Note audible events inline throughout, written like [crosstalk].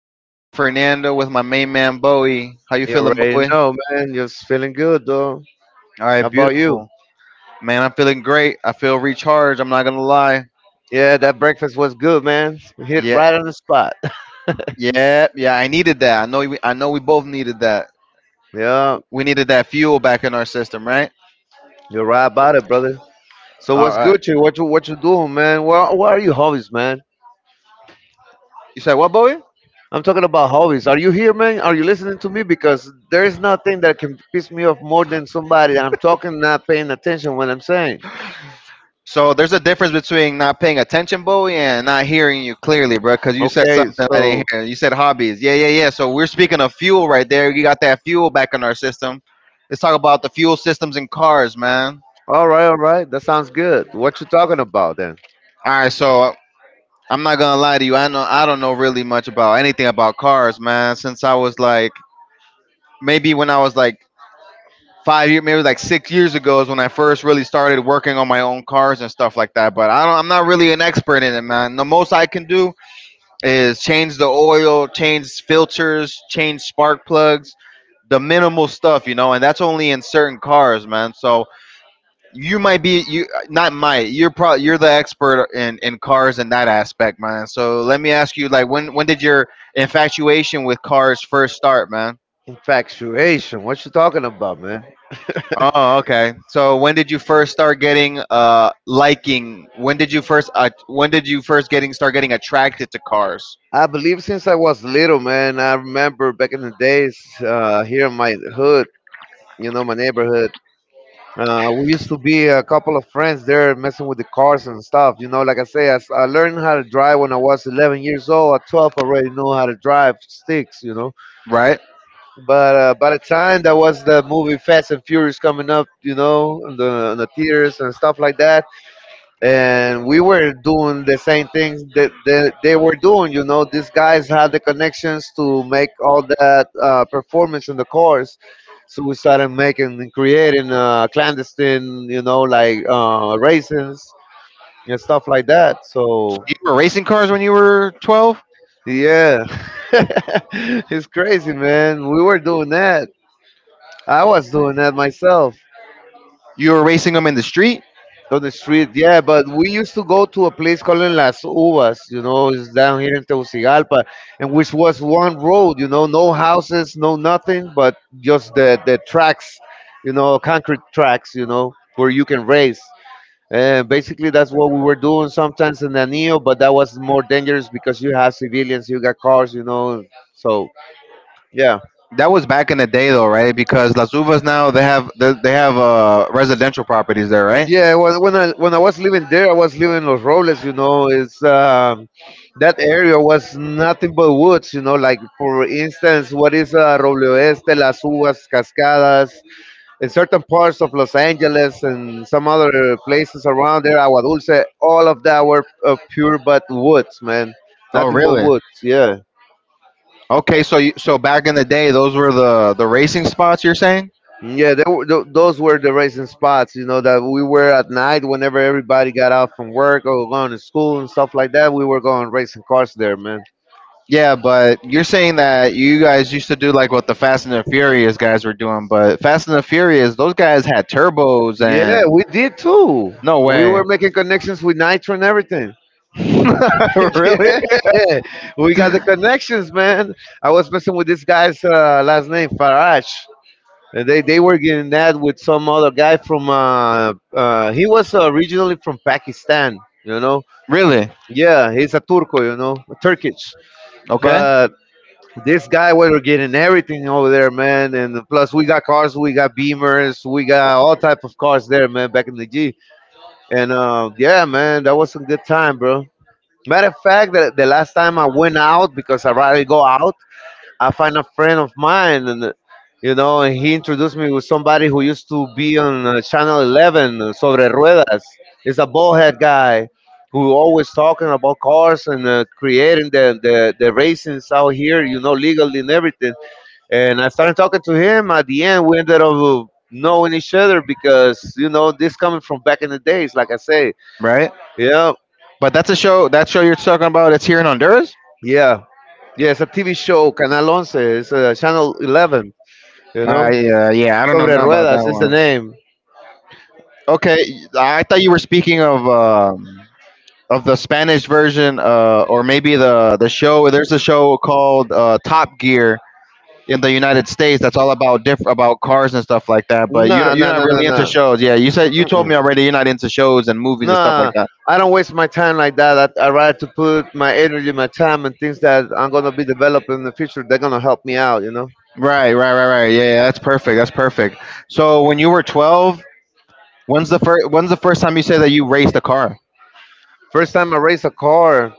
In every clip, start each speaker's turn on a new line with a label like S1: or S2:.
S1: It's me, Fernando, with my main man Bowie. How you
S2: You
S1: feeling,
S2: already
S1: Bowie?
S2: know, man. You're feeling good, though.
S1: All
S2: How
S1: right,
S2: about you?
S1: beautiful. Man, I'm feeling great. I feel recharged. I'm not gonna lie.
S2: Yeah, that breakfast was good, man. Hit
S1: Yeah,
S2: right on the spot.
S1: yeah, yeah. I needed that. I know. I know we both needed that.
S2: [laughs] yeah,
S1: We needed that fuel back in our system, right?
S2: you're right about it, brother. So
S1: All
S2: what's
S1: right.
S2: good, you? What you doing, man? What are your hobbies, man?
S1: You said what, Bowie?
S2: I'm talking about hobbies. Are you here, man? Are you listening to me? Because there is nothing that can piss me off more than somebody that I'm talking not paying attention when I'm saying.
S1: So there's a difference between not paying attention, Bowie, and not hearing you clearly, bro. Because you said
S2: Okay,
S1: something I didn't
S2: so
S1: hear. You said hobbies. Yeah, yeah, yeah. So we're speaking of fuel right there. You got that fuel back in our system. Let's talk about the fuel systems in cars, man.
S2: all right, all right. That sounds good. What you talking about then?
S1: All right. So I'm not gonna lie to you. I know I don't know really much about anything about cars, man. Since I was like maybe when I was like 5 years, maybe like 6 years ago is when I first really started working on my own cars and stuff like that. But I don't. I'm not really an expert in it, man. The most I can do is change the oil, change filters, change spark plugs, the minimal stuff, and that's only in certain cars, man. So you might be you not might you're pro you're the expert in cars in that aspect, man. So let me ask you, like, when did your infatuation with cars first start, man?
S2: Infatuation. What you talking about, man?
S1: Oh, okay. So when did you first start getting liking? When did you first getting start getting attracted to cars?
S2: I believe since I was little, man. I remember back in the days here in my hood, you know, my neighborhood. We used to be a couple of friends there messing with the cars and stuff. You know, like I say, I learned how to drive when I was 11 years old. At 12, I already knew how to drive sticks, you know.
S1: Right.
S2: But by the time that was the movie Fast and Furious coming up, you know, on on the theaters and stuff like that, and we were doing the same things that they were doing. You know, these guys had the connections to make all that performance in the chorus. So we started making and creating clandestine, you know, like raisins and stuff like that.
S1: So
S2: So
S1: you were racing cars when you were 12.
S2: yeah, [laughs] it's crazy, man. We were doing that. I was doing that myself.
S1: You were racing them in the street.
S2: On the street. Yeah, but we used to go to a place called Las Uvas, you know, it's down here in Tegucigalpa, and which was one road, you know, no houses, no nothing, but just the tracks, you know, concrete tracks, you know, where you can race. And basically, that's what we were doing sometimes in Anillo, but that was more dangerous because you have civilians, you got cars, you know. So, yeah.
S1: That was back in the day, though, right? Because Las Uvas now they have residential properties there, right?
S2: Yeah, well, when I was living there, I was living in Los Robles. You know, it's that area was nothing but woods. You know, like for instance, what is Roble Oeste, Las Uvas, Cascadas, in certain parts of Los Angeles and some other places around there, Agua Dulce. All of that were pure but woods, man.
S1: Oh,
S2: Nothing but
S1: really?
S2: woods. Yeah.
S1: Okay, so back in the day, those were the racing spots. You're saying?
S2: Yeah, they were, those were the racing spots, you know, that we were at night whenever everybody got out from work or going to school and stuff like that. We were going racing cars there, man.
S1: Yeah, but you're saying that you guys used to do like what the Fast and the Furious guys were doing, but Fast and the Furious, those guys had turbos and
S2: Yeah, we did too.
S1: no
S2: We
S1: way.
S2: were making connections with Nitro and everything.
S1: [laughs]
S2: [laughs]
S1: Really?
S2: yeah, we got the connections, man. I was messing with this guy's last name, Faraj, and they were getting that with some other guy from, he was originally from Pakistan, you know.
S1: Really?
S2: Yeah, he's a Turco, you know, Turkish.
S1: Okay.
S2: But this guy was getting everything over there, man. And plus, we got cars, we got Beamers, we got all type of cars there, man. Back in the G, and yeah, man, that was a good time, bro. Matter of fact, the last time I went out because I rarely go out, I find a friend of mine, and you know, and he introduced me with somebody who used to be on Channel 11, Sobre Ruedas. It's a ballhead guy who always talking about cars and creating the racings out here, you know, legally and everything. And I started talking to him. At the end, we ended up knowing each other because you know this coming from back in the days, like I say,
S1: Right?
S2: yeah,
S1: But that's a show. That show you're talking about. It's here in Honduras.
S2: yeah, yeah. It's a TV show, Canal Once, it's Channel 11, you know.
S1: I Yeah, I don't know
S2: Sobre
S1: now about that
S2: Ruedas is the
S1: one.
S2: name.
S1: Okay, I thought you were speaking of the Spanish version, or maybe the show. There's a show called Top Gear in the United States that's all about about cars and stuff like that. But
S2: Nah,
S1: you're
S2: nah,
S1: not
S2: nah, nah,
S1: really into
S2: nah.
S1: shows. Yeah, you told
S2: Mm-mm.
S1: me already you're not into shows and movies and stuff like
S2: Nah,
S1: that.
S2: I don't waste my time like that. I rather to put my energy, my time, and things that I'm gonna be developing in the future. They're gonna help me out, you know.
S1: Right, right, right, right. Yeah, yeah, that's perfect. That's perfect. So when you were 12, when's the first? When's the first time you say that you raced a car?
S2: First time I raced a car,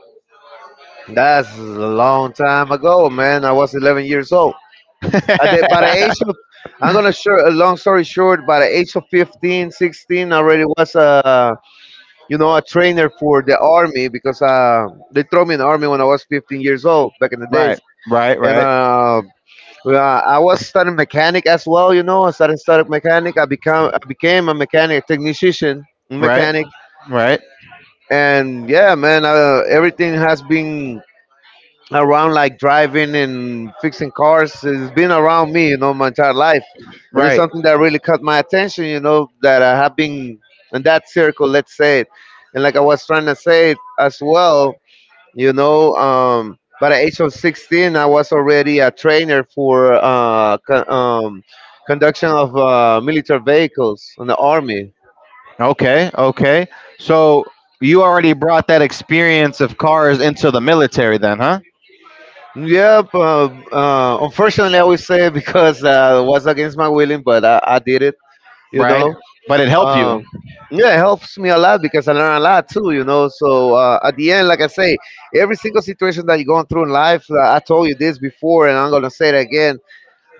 S2: that's a long time ago, man. I was 11 years old. By the
S1: [laughs]
S2: age of, I'm gonna short. A long story short, by the age of 15, 16, I already was a, you know, a trainer for the army because they throw me in the army when I was 15 years old back in the
S1: Right,
S2: days
S1: right,
S2: and
S1: right,
S2: uh, I was studying mechanic as well. You know, I started studying mechanic. I became a mechanic technician,
S1: right,
S2: mechanic,
S1: right,
S2: and yeah, man, everything has been around like driving and fixing cars. It's been around me, you know, my entire life, and it's
S1: right.
S2: something that really caught my attention. You know, that I have been in that circle, let's say it, and like I was trying to say it as well, you know, by the age of 16 I was already a trainer for conduction of military vehicles in the army.
S1: Okay, okay. So you already brought that experience of cars into the military, then, huh?
S2: Yep, unfortunately I would say [laughs] because it was against my willing, but I did it, you
S1: Right.
S2: know.
S1: But it helped you.
S2: um yeah, it helps me a lot because I learn a lot too, you know. So at the end, like I say, every single situation that you're going through in life, I told you this before, and I'm gonna say it again.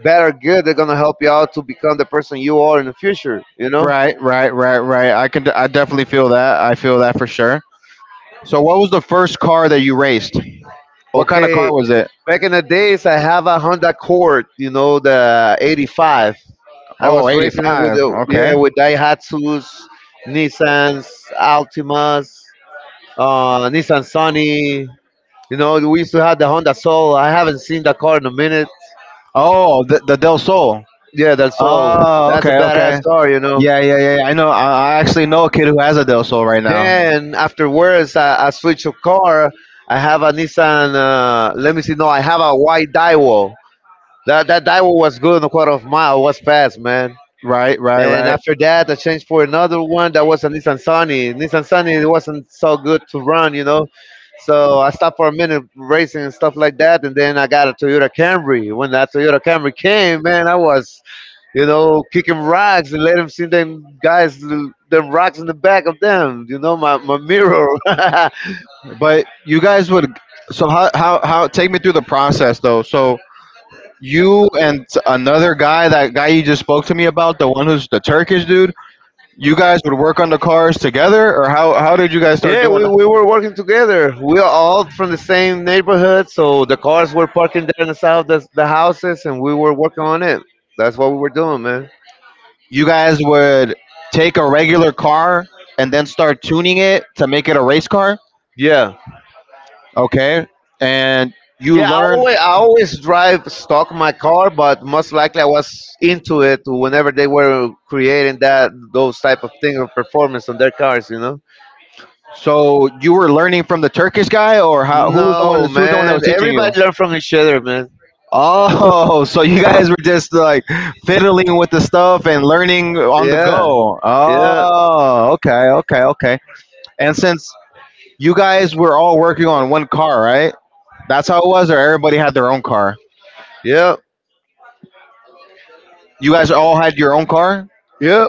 S2: Bad or good, they're gonna help you out to become the person you are in the future. You know?
S1: Right, right, right, right. I can. I definitely feel that. I feel that for sure. So what was the first car that you raced? What kind of
S2: Okay.
S1: car was it?
S2: Back in the days, I have a Honda Accord. You know, the '85. I
S1: Oh,
S2: was racing it with
S1: 85.
S2: the yeah
S1: Okay.
S2: with Daihatsu's, Nissan's, Altimas, Nissan Sunny. You know, we used to have the Honda Soul. I haven't seen that car in a minute.
S1: Oh, the Del Sol.
S2: Yeah, that Soul.
S1: Oh,
S2: That's a
S1: okay, okay.
S2: badass car. You know.
S1: Yeah, yeah, yeah. Yeah. I know. I actually know a kid who has a Del Sol right now.
S2: Then afterwards, I switch a car. I have a Nissan. Let me see. No, I have a white Daiwo. That Daiwo was good in a quarter of mile. Was fast, man.
S1: Right, right,
S2: And
S1: right.
S2: after that, I changed for another one that was a Nissan Sunny. Nissan Sunny it wasn't so good to run, you know. So I stopped for a minute racing and stuff like that, and then I got a Toyota Camry. When that Toyota Camry came, man, I was, you know, kicking rocks and let them see them guys, them rocks in the back of them, you know, my mirror. [laughs]
S1: But you guys would. So how? Take me through the process though. So you and another guy, that guy you just spoke to me about, the one who's the Turkish dude. You guys would work on the cars together, or how did you guys start
S2: yeah,
S1: doing?
S2: we were working together. We are all from the same neighborhood, so the cars were parking there in the south, the houses, and we were working on it. That's what we were doing, man.
S1: You guys would take a regular car and then start tuning it to make it a race car.
S2: Yeah.
S1: Okay, and you
S2: Yeah,
S1: learn.
S2: I always drive stock my car, but most likely I was into it whenever they were creating that those type of thing of performance on their cars, you know.
S1: So you were learning from the Turkish guy, or how? Who was the one?
S2: No,
S1: Who was the one that
S2: man.
S1: was teaching you?
S2: Everybody learn from each other, man.
S1: Oh, [laughs] so you guys were just like fiddling with the stuff and learning on the
S2: Yeah,
S1: go.
S2: yeah,
S1: Oh, okay, okay, okay. And since you guys were all working on one car, right? That's how it was, or everybody had their own car.
S2: yeah,
S1: You guys all had your own car,
S2: yeah.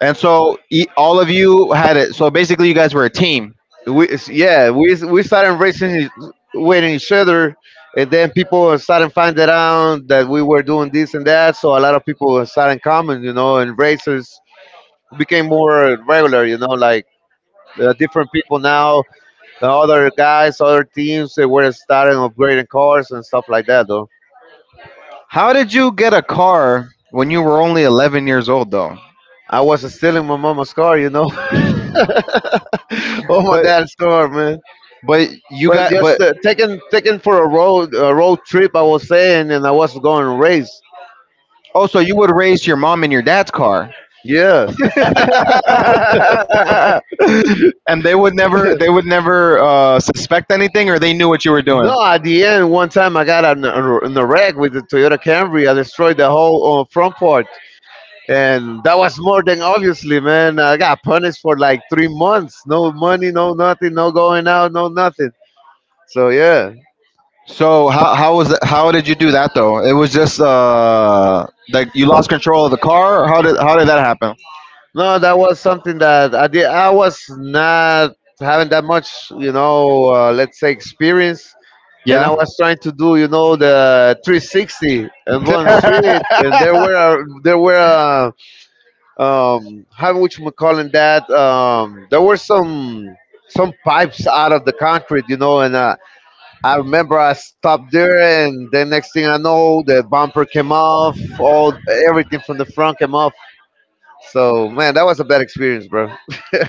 S1: and so all of you had it. So basically, you guys were a team.
S2: Yeah we started racing e, with each other, and then people started finding out that we were doing this and that. So a lot of people started coming, you know, and races became more regular, you know, like different people now, the other guys, other teams, they were starting upgrading cars and stuff like that, though.
S1: How did you get a car when you were only 11 years old, though?
S2: I was stealing my mama's car, you know, [laughs] or my
S1: But
S2: dad's car, man.
S1: but you
S2: But
S1: got
S2: just
S1: but.
S2: taken for a road trip, I was saying, and I was going to race.
S1: Oh, so you would race your mom in your dad's car,
S2: Yeah.
S1: [laughs] and they would never suspect anything, or they knew what you were doing.
S2: No, at the end, one time I got in in a wreck with the Toyota Camry. I destroyed the whole front part, and that was more than obviously, man. I got punished for like 3 months, no money, no nothing, no going out, no nothing. So yeah,
S1: So how was that, how did you do that though? It was just like you lost control of the car. Or how did that happen?
S2: no, that was something that I did. I was not having that much, you know, let's say experience, and I
S1: Yeah,
S2: was trying to do, you know, the 360 and
S1: [laughs]
S2: one street, and there were how would you call it that? There were some pipes out of the concrete, you know, and I remember I stopped there, and then next thing I know, the bumper came off, all everything from the front came off. So man, that was a bad experience, bro.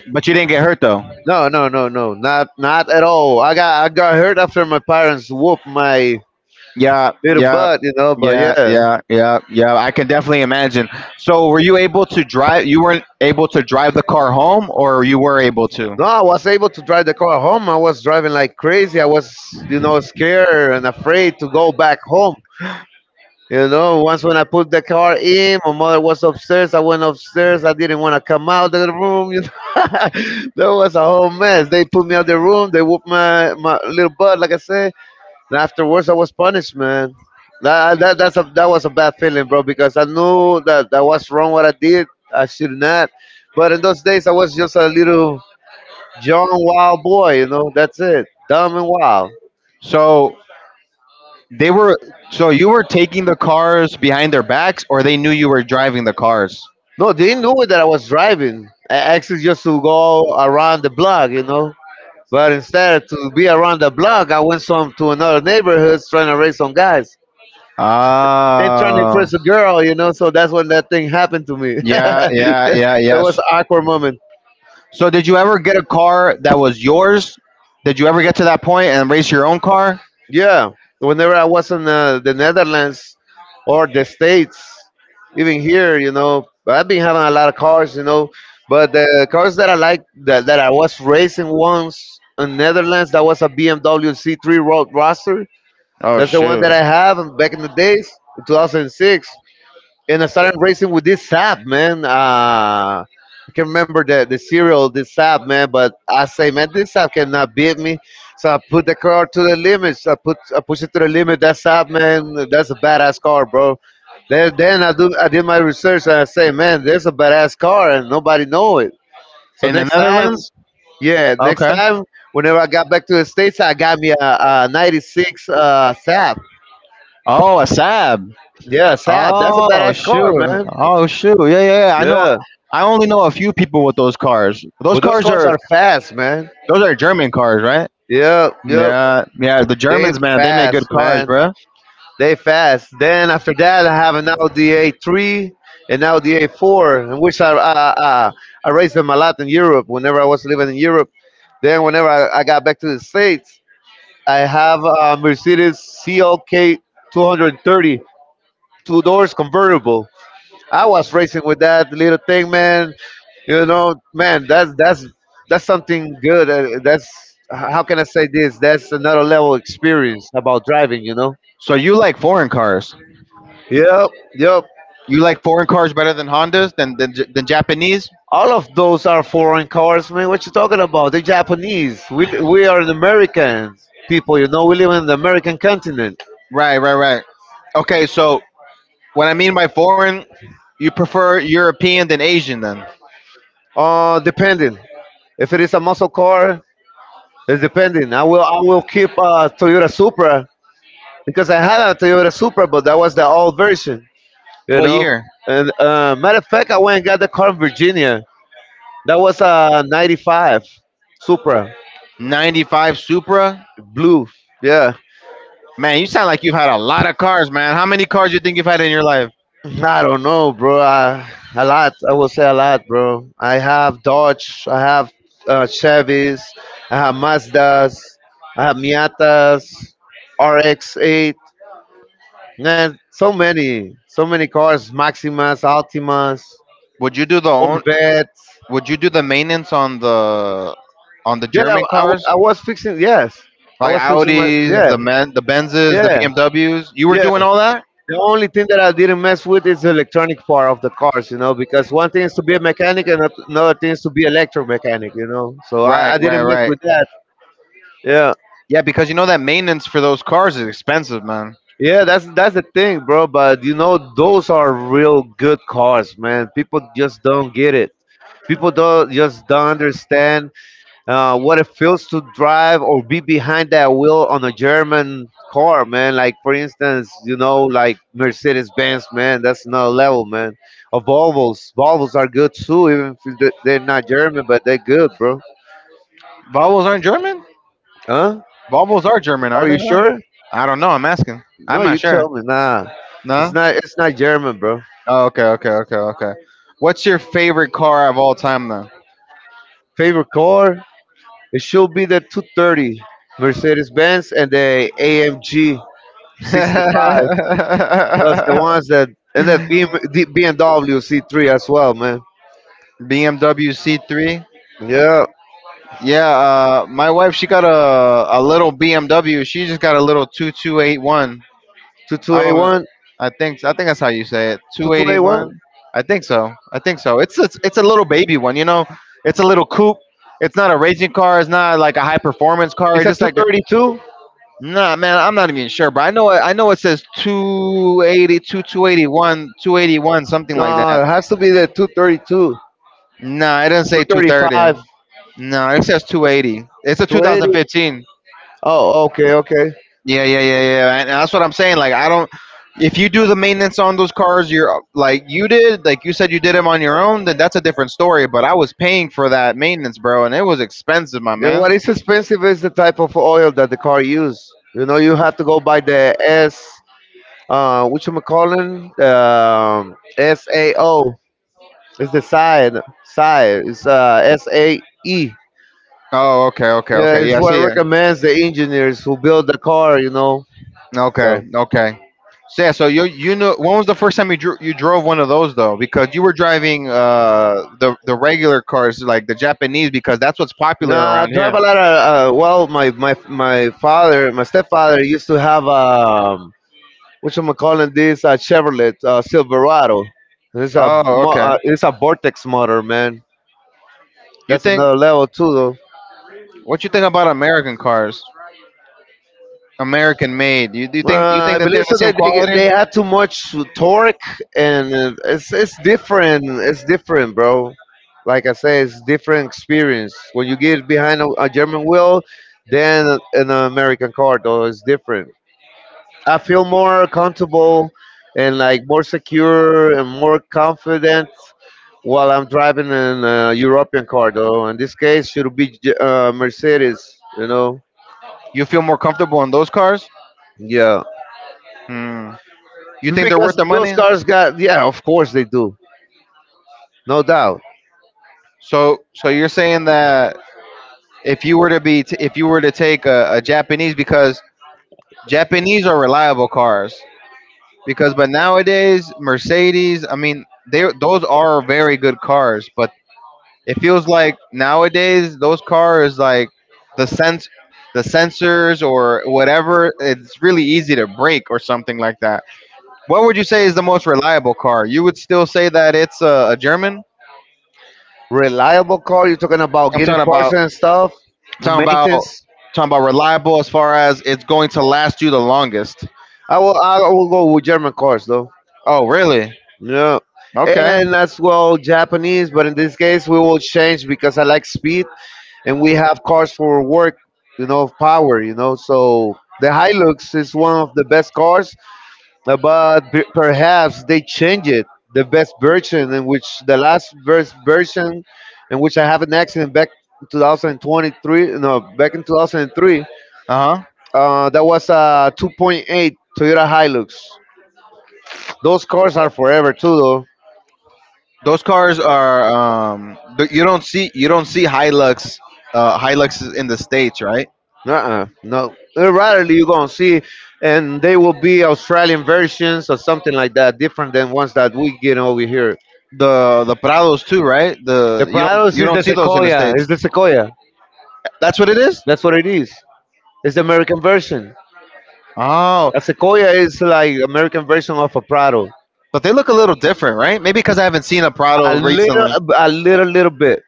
S1: but you didn't get hurt though.
S2: No, no, no, no, not at all. I got hurt after my parents whooped my
S1: Yeah,
S2: little
S1: yeah.
S2: butt, you know. But
S1: Yeah,
S2: yeah,
S1: yeah, yeah, yeah. I can definitely imagine. So, were you able to drive? You weren't able to drive the car home, or you were able to?
S2: no, I was able to drive the car home. I was driving like crazy. I was, you know, scared and afraid to go back home. You know, once when I put the car in, my mother was upstairs. I went upstairs. I didn't want to come out of the room. You know, [laughs] that was a whole mess. They put me out the room. They whooped my little butt, like I said. And afterwards, I was punished, man. That was a bad feeling, bro, because I knew that that was wrong what I did. I should not. But in those days, I was just a little young, wild boy. You know, that's it, dumb and wild.
S1: So, They were so, you were taking the cars behind their backs, or they knew you were driving the cars.
S2: No, they knew that I was driving. I actually just to go around the block. But instead to be around the block, I went some to another neighborhood trying to raise some guys and trying to
S1: Ah,
S2: impress a girl. So that's when that thing happened to me. [laughs]
S1: yeah,
S2: That
S1: yeah, yeah,
S2: was
S1: yes.
S2: an awkward moment.
S1: So did you ever get a car that was yours? Did you ever get to that point and race your own car?
S2: Yeah, whenever I was in the Netherlands or the States, even here, I've been having a lot of cars, but the cars that I like that I was racing once in Netherlands, that was a BMW C3 Road Roadster.
S1: Oh,
S2: That's the one
S1: shoot!
S2: that I have back in the days, 2006, and I started racing with this sap, man. I can remember the serial, this sap, man. But I say, man, this sap cannot beat me. So I put the car to the limits. I push it to the limit. That sap, man, that's a badass car, bro. Then I did my research and I say, man, there's a badass car and nobody know it. So
S1: In the
S2: next time,
S1: Netherlands?
S2: yeah, next
S1: Okay.
S2: time, whenever I got back to the states, I got me a '96 sap.
S1: Oh, a Saab.
S2: Yeah, sap. That's a
S1: Oh,
S2: badass car,
S1: shoot!
S2: man.
S1: Oh, shoot! Yeah, yeah, yeah. I know.
S2: Yeah.
S1: I only know a few people with those cars. Those
S2: But those
S1: cars
S2: cars are
S1: are
S2: fast, man.
S1: Those are German cars, right?
S2: Yep, yep.
S1: Yeah, yeah. The
S2: They
S1: Germans, man, they make
S2: fast,
S1: good cars,
S2: man.
S1: bro.
S2: They fast. Then after that, I have an Audi A3 and Audi A4, in which I I raced them a lot in Europe. Whenever I was living in Europe, then whenever I got back to the states, I have a Mercedes CLK 230 two hundred thirty, two doors convertible. I was racing with that little thing, man. You know, man, that's something good. That's how can I say this? That's another level experience about driving. You know.
S1: So you like foreign cars?
S2: Yep, yep.
S1: You like foreign cars better than Hondas than Japanese?
S2: All of those are foreign cars, man. What you talking about? They're Japanese. We are an American people. You know, we live in the American continent.
S1: Right, right, right. Okay, so what I mean by foreign, you prefer European than Asian then.
S2: Depending. If it is a muscle car, it's depending. I will keep a Toyota Supra because I had a Toyota Supra, but that was the old version. you
S1: What
S2: know.
S1: year?
S2: And matter of fact, I went and got the car in Virginia. That was a '95 Supra,
S1: 95 Supra?
S2: blue. Yeah,
S1: Man, you sound like you've had a lot of cars, man. How many cars you think you've had in your life?
S2: I don't know, bro. A lot. I will say a lot, bro. I have Dodge. I have Chevys. I have Mazdas. I have Miatas, RX-8. Man, so many, so many cars. Maximas, Altimas,
S1: Would you do the own
S2: Corvettes.
S1: would you do the maintenance on the
S2: Yeah,
S1: German
S2: I, wa-
S1: cars?
S2: I was fixing. Yes, I
S1: Like
S2: was fixing my.
S1: Audis,
S2: Yeah.
S1: the Benzes, the
S2: Yeah,
S1: BMWs? You were
S2: yeah.
S1: doing all that?
S2: The only thing that I didn't mess with is the electronic part of the cars, because one thing is to be a mechanic and another thing is to be electromechanic, So I,
S1: Right,
S2: I
S1: right,
S2: didn't mess
S1: right.
S2: with that. Yeah.
S1: Yeah, because you know that maintenance for those cars is expensive, man.
S2: Yeah, that's the thing, bro. But you know, those are real good cars, man. People just don't get it. People don't just don't understand what it feels to drive or be behind that wheel on a German car, man. Like for instance, like Mercedes Benz, man. That's another level, man. Or Volvos. Volvos are good too, even if they're not German, but they're good, bro.
S1: Volvos aren't German?
S2: Huh?
S1: Volvos are German,
S2: Are
S1: aren't they?
S2: you
S1: Not?
S2: sure?
S1: I don't know. I'm asking.
S2: No,
S1: I'm
S2: you
S1: not sure.
S2: tell me. Nah, it's
S1: No?
S2: not. It's not German, bro.
S1: Oh, okay, okay, okay, okay. What's your favorite car of all time, though?
S2: Favorite car? It should be the 230 Mercedes Benz and the AMG
S1: [laughs]
S2: 65.
S1: BMW
S2: That's the ones that and the BMW C3 as well, man.
S1: C3?
S2: Yeah,
S1: Yeah, my wife, she got a little BMW. She just got a little 2281. I don't know.
S2: 2281,
S1: I think that's how you say it.
S2: 2281.
S1: 281. I think so. I think so. It's a little baby one, you know. It's a little coupe. It's not a racing car. It's not like a high performance car.
S2: It's
S1: It's
S2: a
S1: just like a-.
S2: 232.
S1: Nah, man. I'm not even sure, but I know it says 282 281, 281, something like
S2: No,
S1: that.
S2: it has to be the 232,
S1: Nah, it doesn't say 230.
S2: 235,
S1: No, it says 280. It's a
S2: 280.
S1: 2015.
S2: Oh, okay, okay.
S1: Yeah, yeah, yeah, yeah. And that's what I'm saying. Like, I don't. If you do the maintenance on those cars, you're like you did, like you said, you did them on your own. Then that's a different story. But I was paying for that maintenance, bro, and it was expensive, my
S2: Yeah,
S1: man.
S2: what is expensive is the type of oil that the car use. You know, you have to go by which I'm calling SAO. It's the side. It's SAE.
S1: Oh, okay, okay,
S2: Yeah,
S1: okay.
S2: it's
S1: Yeah, I
S2: what I
S1: see it.
S2: recommends the engineers who build the car.
S1: Okay,
S2: So,
S1: okay. So yeah, so you know when was the first time you drove one of those though? Because you were driving the regular cars like the Japanese because that's what's popular
S2: nah, I
S1: around
S2: drive
S1: here.
S2: a lot of. Well, my father, my stepfather used to have which I'm calling this Chevrolet Silverado. It's a
S1: Oh,
S2: mo-
S1: okay.
S2: uh, it's a Vortex motor, man.
S1: You
S2: That's
S1: think
S2: another level too, though.
S1: What you think about American cars? American made. You do you think you think
S2: I
S1: that they're
S2: believe
S1: the
S2: so
S1: same
S2: that they
S1: quality?
S2: they had too much torque and it's different. It's different, bro. Like I say, it's different experience. When you get behind a German wheel, then an American car though is different. I feel more comfortable and like more secure and more confident while I'm driving an European car though. In this case, should be Mercedes. You know,
S1: You feel more comfortable on those cars?
S2: yeah.
S1: Hmm. You think they're worth
S2: Because
S1: the
S2: those
S1: money?
S2: cars got, yeah, of course they do. No doubt.
S1: So you're saying that if you were to be t- if you were to take a Japanese because Japanese are reliable cars because but nowadays Mercedes, I mean, they those are very good cars, but it feels like nowadays those cars like the sense the sensors or whatever, it's really easy to break or something like that. What would you say is the most reliable car? You would still say that it's a German.
S2: Reliable car. You're talking about
S1: I'm
S2: getting parts and stuff,
S1: talking about
S2: maintenance.
S1: talking about reliable as far as it's going to last you the longest.
S2: I will go with German cars though.
S1: Oh, really?
S2: Yeah,
S1: Okay.
S2: and as well Japanese. But in this case, we will change because I like speed, and we have cars for work. You know, power. You know, so the Hilux is one of the best cars. But perhaps they change it, the best version, in which the last verse version, in which I have an accident back in 2023, no, back in 2003.
S1: Uh huh.
S2: That was a 2.8 Toyota Hilux. Those cars are forever too though.
S1: Those cars are th- You don't see Hilux, Hiluxes in the states, right?
S2: Uh-uh, no. Rarely you gonna see, and they will be Australian versions or something like that, different than ones that we get over here.
S1: The Prados too, right?
S2: The
S1: The
S2: Prados
S1: you
S2: is
S1: don't
S2: the
S1: see those in the
S2: sequoia
S1: states.
S2: is the sequoia
S1: That's what it is.
S2: That's what it is. It's the American version.
S1: Oh,
S2: A Sequoia is like American version of a Prado.
S1: but they look a little different, right? Maybe because I haven't seen a
S2: A
S1: Prado
S2: little,
S1: recently.
S2: a little, little bit,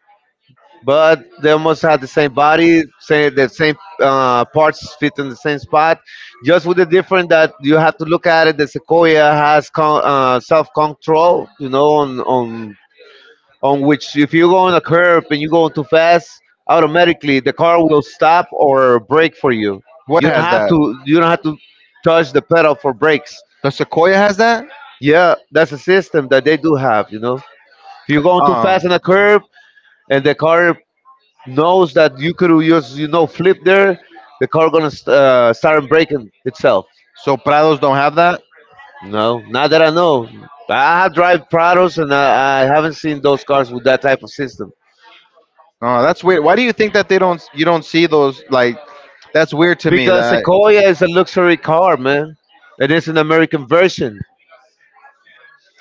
S2: but they almost have the same body, same the same parts fit in the same spot, just with the difference that you have to look at it. The Sequoia has self control, on which if you go on a curb and you go too fast, automatically the car will stop or brake for you.
S1: What
S2: You don't
S1: has
S2: have
S1: that?
S2: to. You don't have to touch the pedal for brakes.
S1: The Sequoia has that.
S2: Yeah, that's a system that they do have. You know, if you're going too
S1: Oh,
S2: fast in a curve and the car knows that you could use, flip there, the car gonna start braking itself.
S1: so Prados don't have that?
S2: No, not that I know, I have drive Prados and I haven't seen those cars with that type of system
S1: Oh, that's weird. Why do you think that they don't? You don't see those like? That's weird to me.
S2: because
S1: That
S2: Sequoia is a luxury car, man, it's an American version.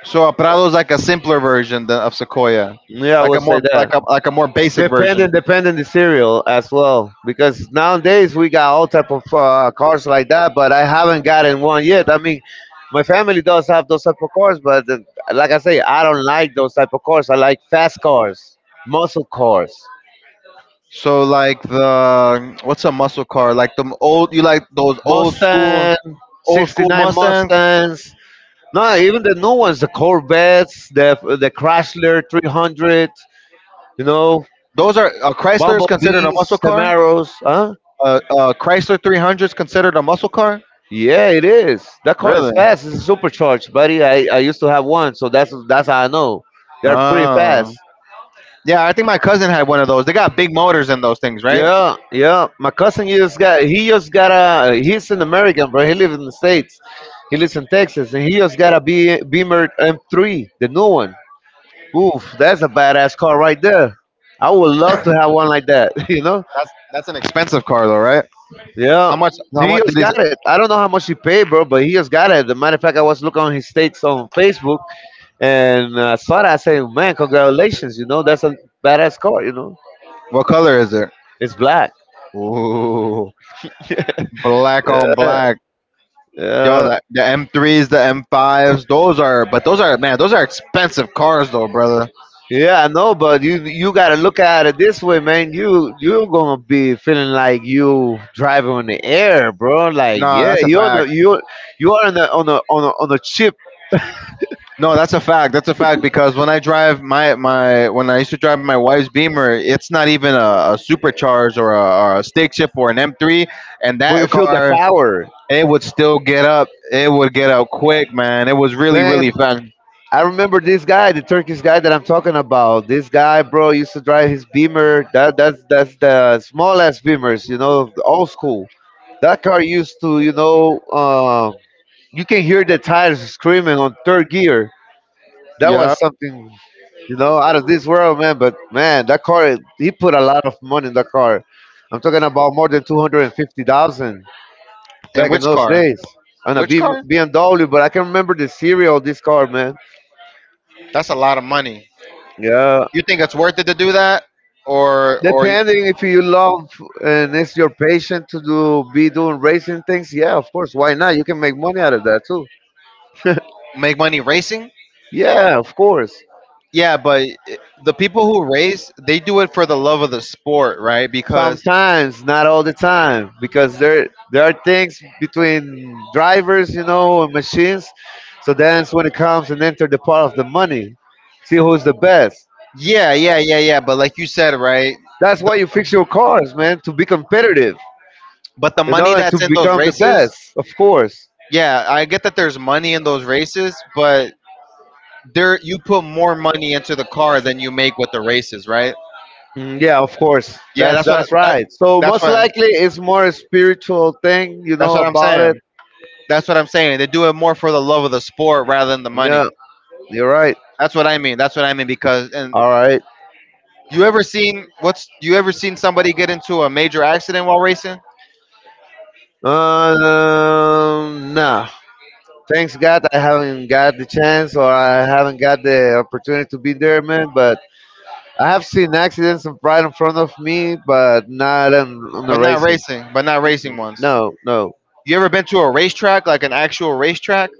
S1: so a Prado is like a simpler version of Sequoia,
S2: Yeah, I
S1: like a
S2: would say
S1: more like
S2: that.
S1: a like a more basic
S2: depending
S1: version.
S2: depending the cereal as well, because nowadays we got all type of cars like that, but I haven't gotten one yet. I mean, my family does have those type of cars, but like I say, I don't like those type of cars. I like fast cars, muscle cars.
S1: So like the what's a muscle car? Like the old you like those
S2: Mustang.
S1: old school
S2: 69
S1: Mustangs.
S2: Mustangs. No, even the new ones, the Corvettes, the Chrysler 300, you know
S1: Those are a Chrysler is considered a
S2: bumblebees,
S1: muscle car.
S2: Camaros. Huh?
S1: A Chrysler 300 is considered a muscle car.
S2: Yeah, it is. That car
S1: Really?
S2: is fast. It's supercharged, buddy. I used to have one, so that's how I know. They're pretty fast.
S1: Oh. Yeah, I think my cousin had one of those. They got big motors in those things, right?
S2: Yeah, yeah. My cousin just got he just got a he's an American, bro. He lives in the States. He lives in Texas and he just got a Beamer M3, the new one. Oof, that's a badass car right there. I would love to have one like that, [laughs] you know?
S1: That's an expensive car though, right?
S2: Yeah,
S1: How much? How
S2: he
S1: much did
S2: just
S1: it?
S2: got it. I don't know how much he paid, bro, but he just got it. The matter of fact, I was looking on his states on Facebook, and I saw that. I said, "Man, congratulations! You know, that's a badass car. You know,
S1: What color is it?
S2: it's black.
S1: Ooh, black on
S2: Yeah,
S1: black. Yo,
S2: yeah,
S1: that the M3's, the M5's, those are, but those are, man, those are expensive cars though, brother.
S2: yeah. I know, but you gotta look at it this way, man. You're gonna be feeling like you driving on the air, bro. Like,
S1: Nah,
S2: yeah,
S1: that's a fact.
S2: you are on a chip,
S1: No, that's a fact. That's a fact because when I drive my my when I used to drive my wife's Beamer, it's not even a supercharged or a stick shift or an M3, and
S2: but you
S1: that
S2: feel the
S1: car
S2: power,
S1: it would still get up. It would get up quick, man. It was really
S2: man.
S1: really fast.
S2: I remember this guy, the Turkish guy that I'm talking about. This guy, bro, used to drive his Beamer. That's the small ass Beamers, the old school. That car used to, you can hear the tires screaming on third gear. That
S1: Yeah,
S2: was something, out of this world, man. But man, that car, he put a lot of money in that car. I'm talking about more than 250,000
S1: and
S2: back in
S1: which
S2: those
S1: car?
S2: days on a
S1: Which car?
S2: BMW. But I can remember the serial of this car, man.
S1: That's a lot of money.
S2: Yeah,
S1: You think it's worth it to do that, or
S2: depending if you love and it's your passion to do be doing racing things, yeah, of course. Why not? You can make money out of that too.
S1: make money racing?
S2: Yeah, of course.
S1: Yeah, but the people who race, they do it for the love of the sport, right? Because
S2: Sometimes, not all the time, because there are things between drivers, you know, and machines. So that's when it comes and enter the part of the money. See who's the best.
S1: yeah. But like you said, right?
S2: That's why
S1: The,
S2: you fix your cars, man, to be competitive,
S1: but the
S2: you
S1: money
S2: know, and to
S1: that's in those
S2: become the
S1: races,
S2: best, of course.
S1: yeah, I get that there's money in those races, but there you put more money into the car than you make with the races, right?
S2: Mm, yeah, of course.
S1: Yeah,
S2: That's
S1: that's what I-
S2: that's
S1: that
S2: right. So
S1: that's
S2: most
S1: what
S2: likely it's more a spiritual thing, you
S1: that's
S2: know
S1: what I'm
S2: about it.
S1: saying. That's what I'm saying. They do it more for the love of the sport rather than the money.
S2: Yeah, you're right.
S1: That's what I mean. That's what I mean because and
S2: All right.
S1: You ever seen what's you ever seen somebody get into a major accident while racing?
S2: Nah. Thanks God, I haven't got the chance or I haven't got the opportunity to be there, man. But I have seen accidents right in front of me, but not on the
S1: But not
S2: racing.
S1: racing, but not racing ones.
S2: No, no.
S1: You ever been to a racetrack, like an actual racetrack?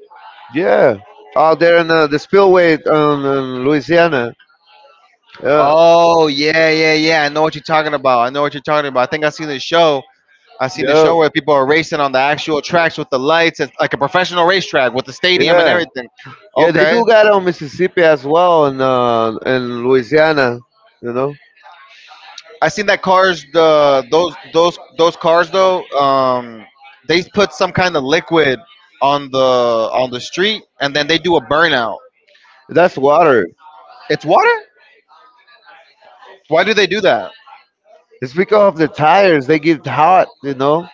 S2: Yeah, out there in the spillway in Louisiana. Yeah,
S1: Oh yeah, yeah, yeah. I know what you're talking about. I know what you're talking about. I think I seen the show. I seen the
S2: yeah.
S1: show where people are racing on the actual tracks with the lights. It's like a professional racetrack with the stadium and
S2: Yeah,
S1: everything.
S2: yeah, they
S1: Okay,
S2: do got it on Mississippi as well, and in Louisiana, you know.
S1: I seen that cars the those cars though, they put some kind of liquid on the street and then they do a burnout.
S2: That's water.
S1: It's water? Why do they do that?
S2: It's because of the tires; they get hot, you know.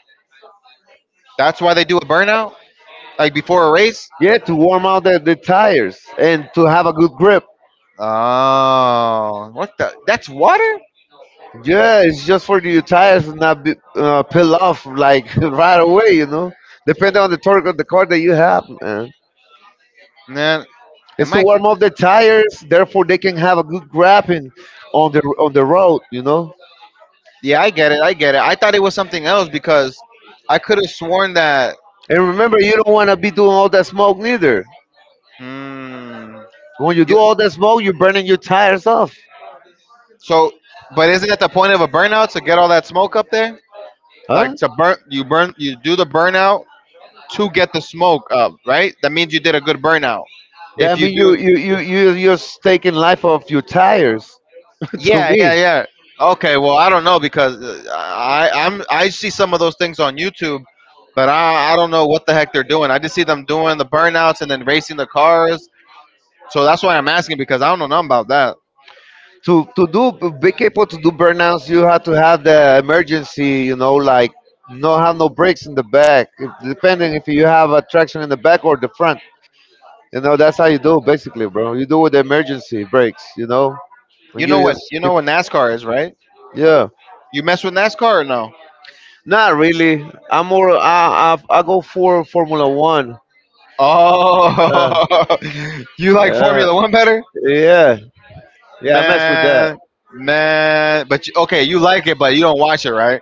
S1: That's why they do a burnout like before a race?
S2: Yeah, to warm out the tires and to have a good grip.
S1: Oh, what the That's water?
S2: Yeah, it's just for your tires to not be, peel off like [laughs] right away, you know. Depending on the torque of the car that you have, man.
S1: Man,
S2: It's
S1: am
S2: to
S1: I
S2: warm up the tires, therefore they can have a good grapping on the road, you know.
S1: Yeah, I get it. I get it. I thought it was something else because I could have sworn that
S2: And remember, you don't want to be doing all that smoke neither.
S1: hmm
S2: When you do
S1: you,
S2: all that smoke, you're burning your tires off,
S1: so but isn't it the point of a burnout to get all that smoke up there?
S2: huh?
S1: Like to burn you do the burnout to get the smoke up, right? That means you did a good burnout if
S2: That
S1: you
S2: means you
S1: do.
S2: you you you you're taking life off your tires. [laughs] To
S1: yeah
S2: me,
S1: yeah yeah okay, well I don't know because I see some of those things on YouTube, but I don't know what the heck they're doing. I just see them doing the burnouts and then racing the cars, so that's why I'm asking because I don't know nothing about that.
S2: to do be capable to do burnouts, you have to have the emergency. You know, like no have no brakes in the back. If, depending if you have a traction in the back or the front. You know, that's how you do basically, bro. You do with the emergency brakes. You know,
S1: You
S2: and
S1: know
S2: you
S1: what
S2: just keep-
S1: NASCAR is, right?
S2: yeah.
S1: You mess with NASCAR or no?
S2: Not really. I'm more. I go for Formula One. Uh,
S1: Oh, [laughs] you like
S2: uh,
S1: Formula One better?
S2: yeah, yeah. I mess with that.
S1: Man, man, but you, okay, you like it, but you don't watch it, right?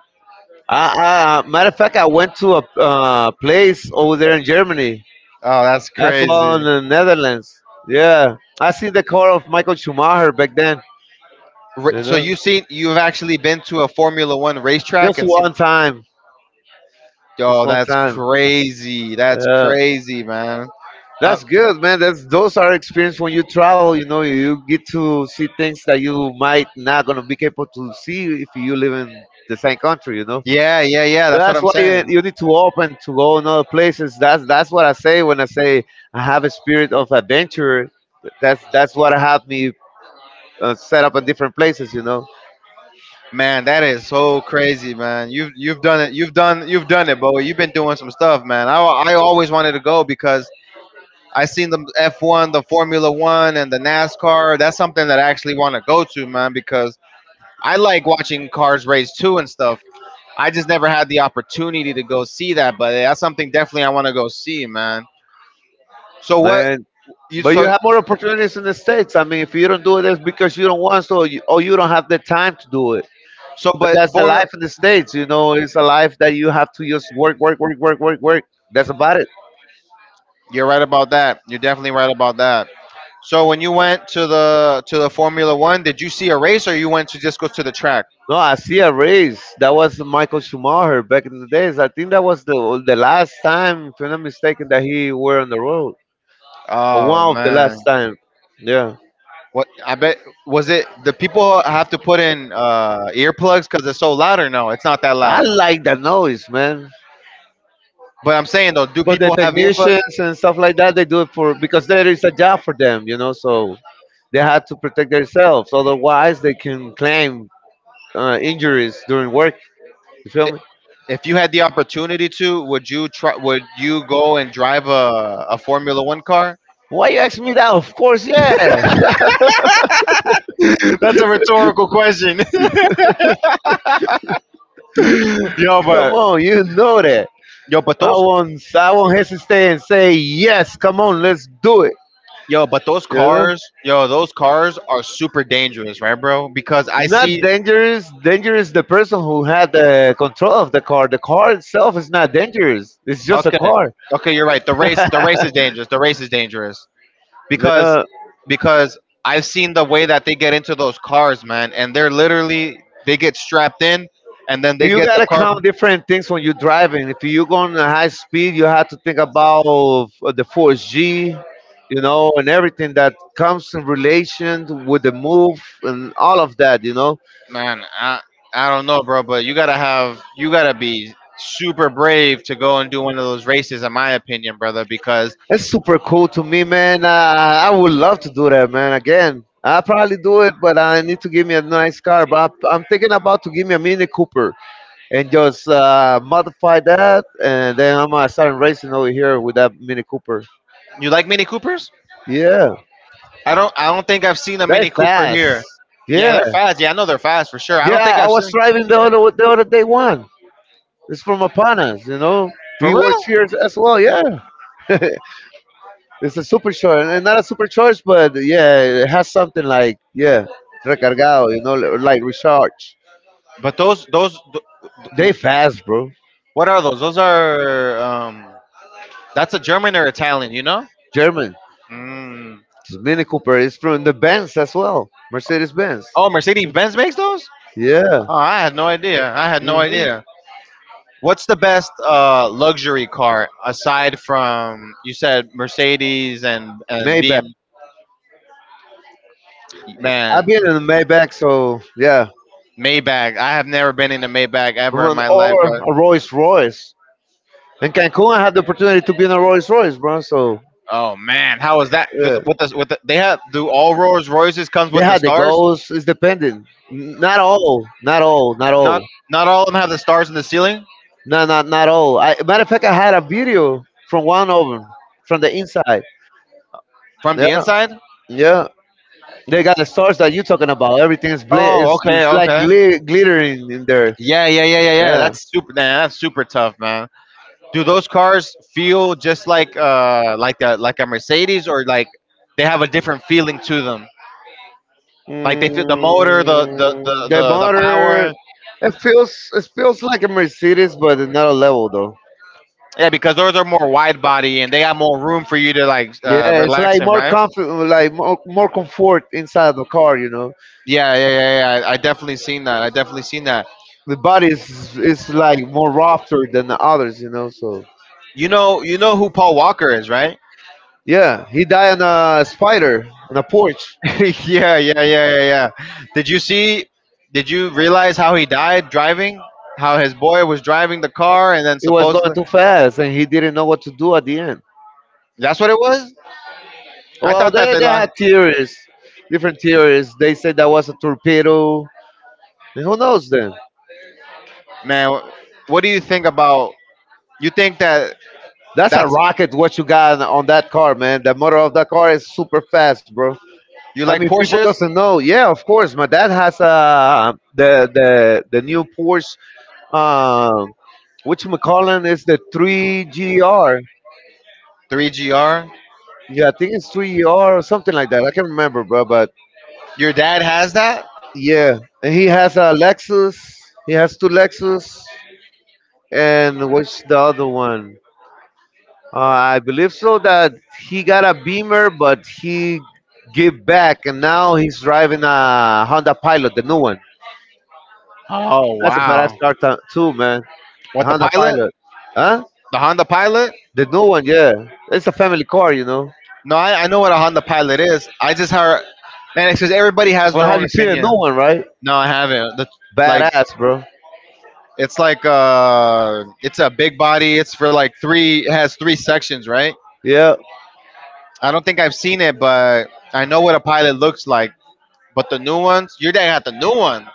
S2: I matter of fact, I went to a place over there in Germany.
S1: Oh, that's
S2: That's why
S1: crazy.
S2: in the Netherlands. Yeah, I seen the car of Michael Schumacher back then. You
S1: So
S2: know,
S1: you seen you've actually been to a Formula One racetrack
S2: just
S1: and seen?
S2: one time. Just
S1: Yo,
S2: one
S1: that's
S2: time.
S1: crazy. That's
S2: Yeah.
S1: crazy, man. I,
S2: That's good, man. That's those are experience when you travel. You know, you get to see things that you might not gonna be capable to see if you live in the same country. You know,
S1: yeah, yeah, yeah.
S2: so
S1: That's what
S2: that's
S1: I'm
S2: why
S1: saying.
S2: you need to open to go in other places. That's what I say when I say I have a spirit of adventure. That's what have me set up in different places. You know,
S1: Man, that is so crazy, man. You've done it. You've done it, Bo. You've been doing some stuff, man. I always wanted to go because I seen the F1, the Formula One, and the NASCAR. That's something that I actually want to go to, man, because I like watching Cars Race 2 and stuff. I just never had the opportunity to go see that, but yeah, that's something definitely I want to go see, man. So what
S2: man.
S1: you
S2: But you
S1: so
S2: have more opportunities in the states. I mean, if you don't do it, that's because you don't want to, or you don't have the time to do it.
S1: so
S2: But
S1: but
S2: that's the
S1: Formula
S2: life of the States, you know. It's a life that you have to just work, work, work, work, work, work. That's about it.
S1: You're right about that. You're definitely right about that. So when you went to the Formula 1, did you see a race or you went to just go to the track?
S2: No, I see a race. That was Michael Schumacher back in the days. I think that was the last time, if I'm not mistaken, that he were on the road. Or one
S1: Oh
S2: of the
S1: man.
S2: last time. Yeah.
S1: What I bet was it the people have to put in earplugs cuz it's so loud or no? It's not that
S2: I
S1: loud.
S2: like the noise, man.
S1: But I'm saying though, do
S2: But the
S1: people have earplugs?
S2: technicians and stuff like that, they do it for because there is a job for them, you know. So they have to protect themselves. Otherwise, they can claim injuries during work. You feel me?
S1: If you had the opportunity to, would you try? Would you go and drive a Formula One car?
S2: Why you asking me that? Of course, yeah. [laughs]
S1: [laughs] That's a rhetorical question. [laughs] yo,
S2: Come
S1: but
S2: on, you know that.
S1: yo, but
S2: I
S1: those
S2: won't. I won't hesitate and say yes. Come on, let's do it.
S1: yo, but those
S2: You know,
S1: cars, yo, those cars are super dangerous, right, bro? Because I
S2: not
S1: see.
S2: dangerous. Dangerous the person who had the control of the car. The car itself is not dangerous. It's just a
S1: Okay,
S2: car.
S1: okay, you're right. The race is dangerous. The race is dangerous because
S2: Uh,
S1: I've seen the way that they get into those cars, man, and they're literally they get strapped in, and then they
S2: you
S1: get the
S2: gotta
S1: car.
S2: count different things when you're driving. If you go on a high speed, you have to think about the force G, you know, and everything that comes in relation with the move and all of that, you know.
S1: Man, I don't know, bro, but you gotta have you gotta be super brave to go and do one of those races, in my opinion, brother. Because
S2: That's super cool to me, man. I would love to do that, man. Again, I probably do it, but I need to give me a nice car. But I'm thinking about to give me a Mini Cooper and just modify that, and then I'm gonna start racing over here with that Mini Cooper.
S1: you like Mini Coopers?
S2: Yeah,
S1: I don't think I've seen a
S2: they
S1: Mini Cooper
S2: fast.
S1: here. Yeah,
S2: Yeah,
S1: they're fast. Yeah, I know they're fast for sure. I don't think
S2: yeah. I
S1: I've
S2: was
S1: seen
S2: driving the other day one. It's from Apanas, you know.
S1: for
S2: He works
S1: real.
S2: here as well. Yeah. [laughs] It's a super short, and not a super short, but yeah, it has something like yeah, recargado, you know, like recharge.
S1: But
S2: They
S1: th-
S2: fast, bro.
S1: what are those? Those are that's a German or Italian, you know?
S2: German.
S1: Mm.
S2: It's Mini Cooper. It's from the Benz as well, Mercedes Benz.
S1: Oh, Mercedes Benz makes those?
S2: Yeah.
S1: Oh, I had no idea. I had no
S2: Hmm.
S1: idea. What's the best luxury car aside from you said Mercedes and
S2: Maybach.
S1: BM?
S2: I've
S1: Man,
S2: been in a Maybach, so yeah,
S1: Maybach. I have never been in a Maybach ever in
S2: run
S1: my life,
S2: or
S1: bro.
S2: a Rolls Royce. In Cancun, I had the opportunity to be in a Rolls Royce, bro. So
S1: Oh man, how is that?
S2: yeah,
S1: With the, they have do all Rolls Royces comes
S2: they
S1: with the
S2: had the
S1: stars?
S2: goals. It's depending. N- not all, not all, not
S1: Not
S2: all.
S1: not all of them have the stars in the ceiling
S2: No, not not all. I, matter of fact, I had a video from one of them from the inside.
S1: from the
S2: Yeah,
S1: inside.
S2: yeah. They got the stars that you talking about. Everything's bl-
S1: Oh, okay,
S2: it's like
S1: okay.
S2: gli- glittering in there.
S1: Yeah, yeah, yeah, yeah, yeah.
S2: Yeah.
S1: That's super. Man, that's super tough, man. Do those cars feel just like a, like a Mercedes, or like they have a different feeling to them? Like they feel the motor, the
S2: Mm, the
S1: the
S2: motor,
S1: power.
S2: it feels like a Mercedes, but another level though.
S1: Yeah, because those are more wide body and they got more room for you to like
S2: Yeah, it's
S1: relax
S2: like
S1: in,
S2: more
S1: right?
S2: comfort, like more, more comfort inside the car. You know,
S1: Yeah, yeah, yeah, yeah. I definitely seen that. I definitely seen that.
S2: the body is like more rougher than the others. You know, so
S1: You know who Paul Walker is, right?
S2: yeah, he died on a spider on a porch.
S1: [laughs] yeah, yeah, yeah, yeah, yeah. Did you see? Did you realize how he died driving? How his boy was driving the car and then
S2: He was going
S1: supposedly
S2: too fast, and he didn't know what to do at the end.
S1: that's what it was. I
S2: Well,
S1: thought that
S2: they
S1: the
S2: they
S1: last
S2: had theories, different theories. They said that was a torpedo, and who knows then?
S1: man. What do you think about? You think that
S2: That's a
S1: that's
S2: rocket. What you got on that car, man? The motor of that car is super fast, bro.
S1: you
S2: I mean,
S1: like
S2: people
S1: Porsches,
S2: doesn't know. Yeah, of course, my dad has the new Porsche, um, which McCollin is the three GR.
S1: 3GR?
S2: Yeah, I think it's three ER or something like that. I can't remember, bro. But
S1: Your dad has that?
S2: yeah, and he has a Lexus. He has two Lexus, and what's the other one? I believe so that he got a Beamer, but he gave back, and now he's driving a Honda Pilot, the new one.
S1: Oh
S2: That's a badass
S1: wow!
S2: car to- too, man. The
S1: What the
S2: Honda
S1: pilot?
S2: Pilot, huh?
S1: The Honda Pilot?
S2: The new one, yeah. It's a family car, you know.
S1: No, I know what a Honda Pilot is. I just heard, man. It's because everybody has
S2: Well,
S1: their
S2: have
S1: own
S2: you seen the
S1: opinion.
S2: new one, right?
S1: No, I haven't. Like
S2: Badass, bro.
S1: like it's a big body. It's for like three. It has three sections, right?
S2: Yeah,
S1: I don't think I've seen it, but I know what a pilot looks like. But the new ones, you didn't have the new one.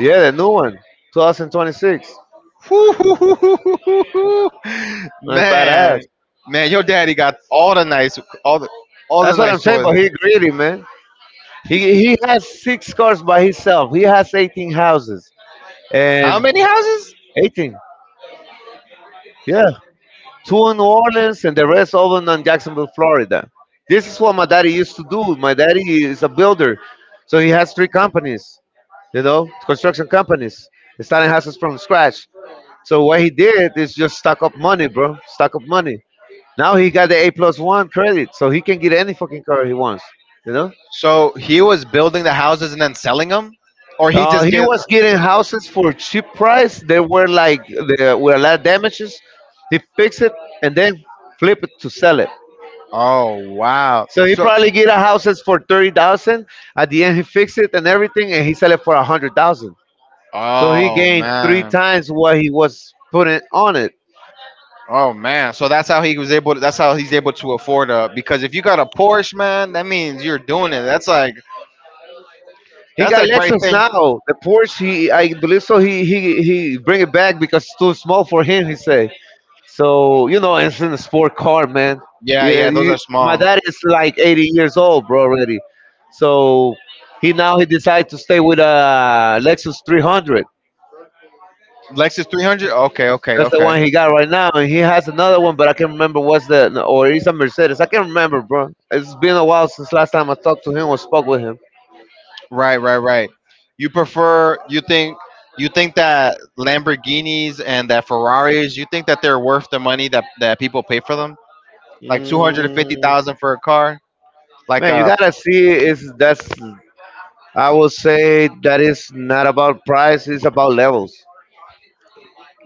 S2: yeah, the new one, 2026.
S1: [laughs] Whew.
S2: That's
S1: man,
S2: badass.
S1: man your daddy got all the nice, all the, all the
S2: That's what I'm
S1: nice
S2: saying.
S1: toys.
S2: But he greedy, man. He has six cars by himself. He has 18 houses
S1: How
S2: and
S1: many houses?
S2: 18. Yeah, two in New Orleans and the rest over in Jacksonville, Florida. This is what my daddy used to do. My daddy is a builder, so he has three companies. You know, construction companies, starting houses from scratch. So what he did is just stock up money, bro. Stock up money. Now he got the A plus one credit, so he can get any fucking car he wants. You know,
S1: So he was building the houses and then selling them, or he just
S2: he
S1: gave.
S2: was getting houses for cheap price. They were like there were a lot of damages. He fixed it and then flip it to sell it.
S1: Oh wow!
S2: So he
S1: So
S2: probably get a houses for 30,000. At the end, he fixed it and everything, and he sell it for a hundred thousand. So he
S1: oh
S2: gained three
S1: man,
S2: times what he was putting on it.
S1: oh man. So that's how he was able to, that's how he's able to afford a. Because if you got a Porsche, man, that means you're doing it. That's like
S2: He
S1: that's
S2: got
S1: like right
S2: Lexus
S1: thing.
S2: now. The Porsche, he I believe so. He bring it back because it's too small for him. He say. So you know, it's in a sport car, man.
S1: Yeah,
S2: Yeah,
S1: yeah, those
S2: you,
S1: are
S2: my
S1: small.
S2: dad is like 80 years old, bro, already. So he now he decided to stay with a Lexus 300.
S1: Lexus 300? Okay, okay,
S2: That's the
S1: okay.
S2: one he got right now, and he has another one, but I can't remember what's the no, or it's a Mercedes. I can't remember, bro. It's been a while since last time I talked to him or spoke with him.
S1: Right, right, right. You prefer you think that Lamborghinis and that Ferraris, you think that they're worth the money that people pay for them? Like
S2: Mm,
S1: 250,000 for a car? Like
S2: man, you
S1: uh
S2: gotta see is that's I will say that is not about price, it's about levels.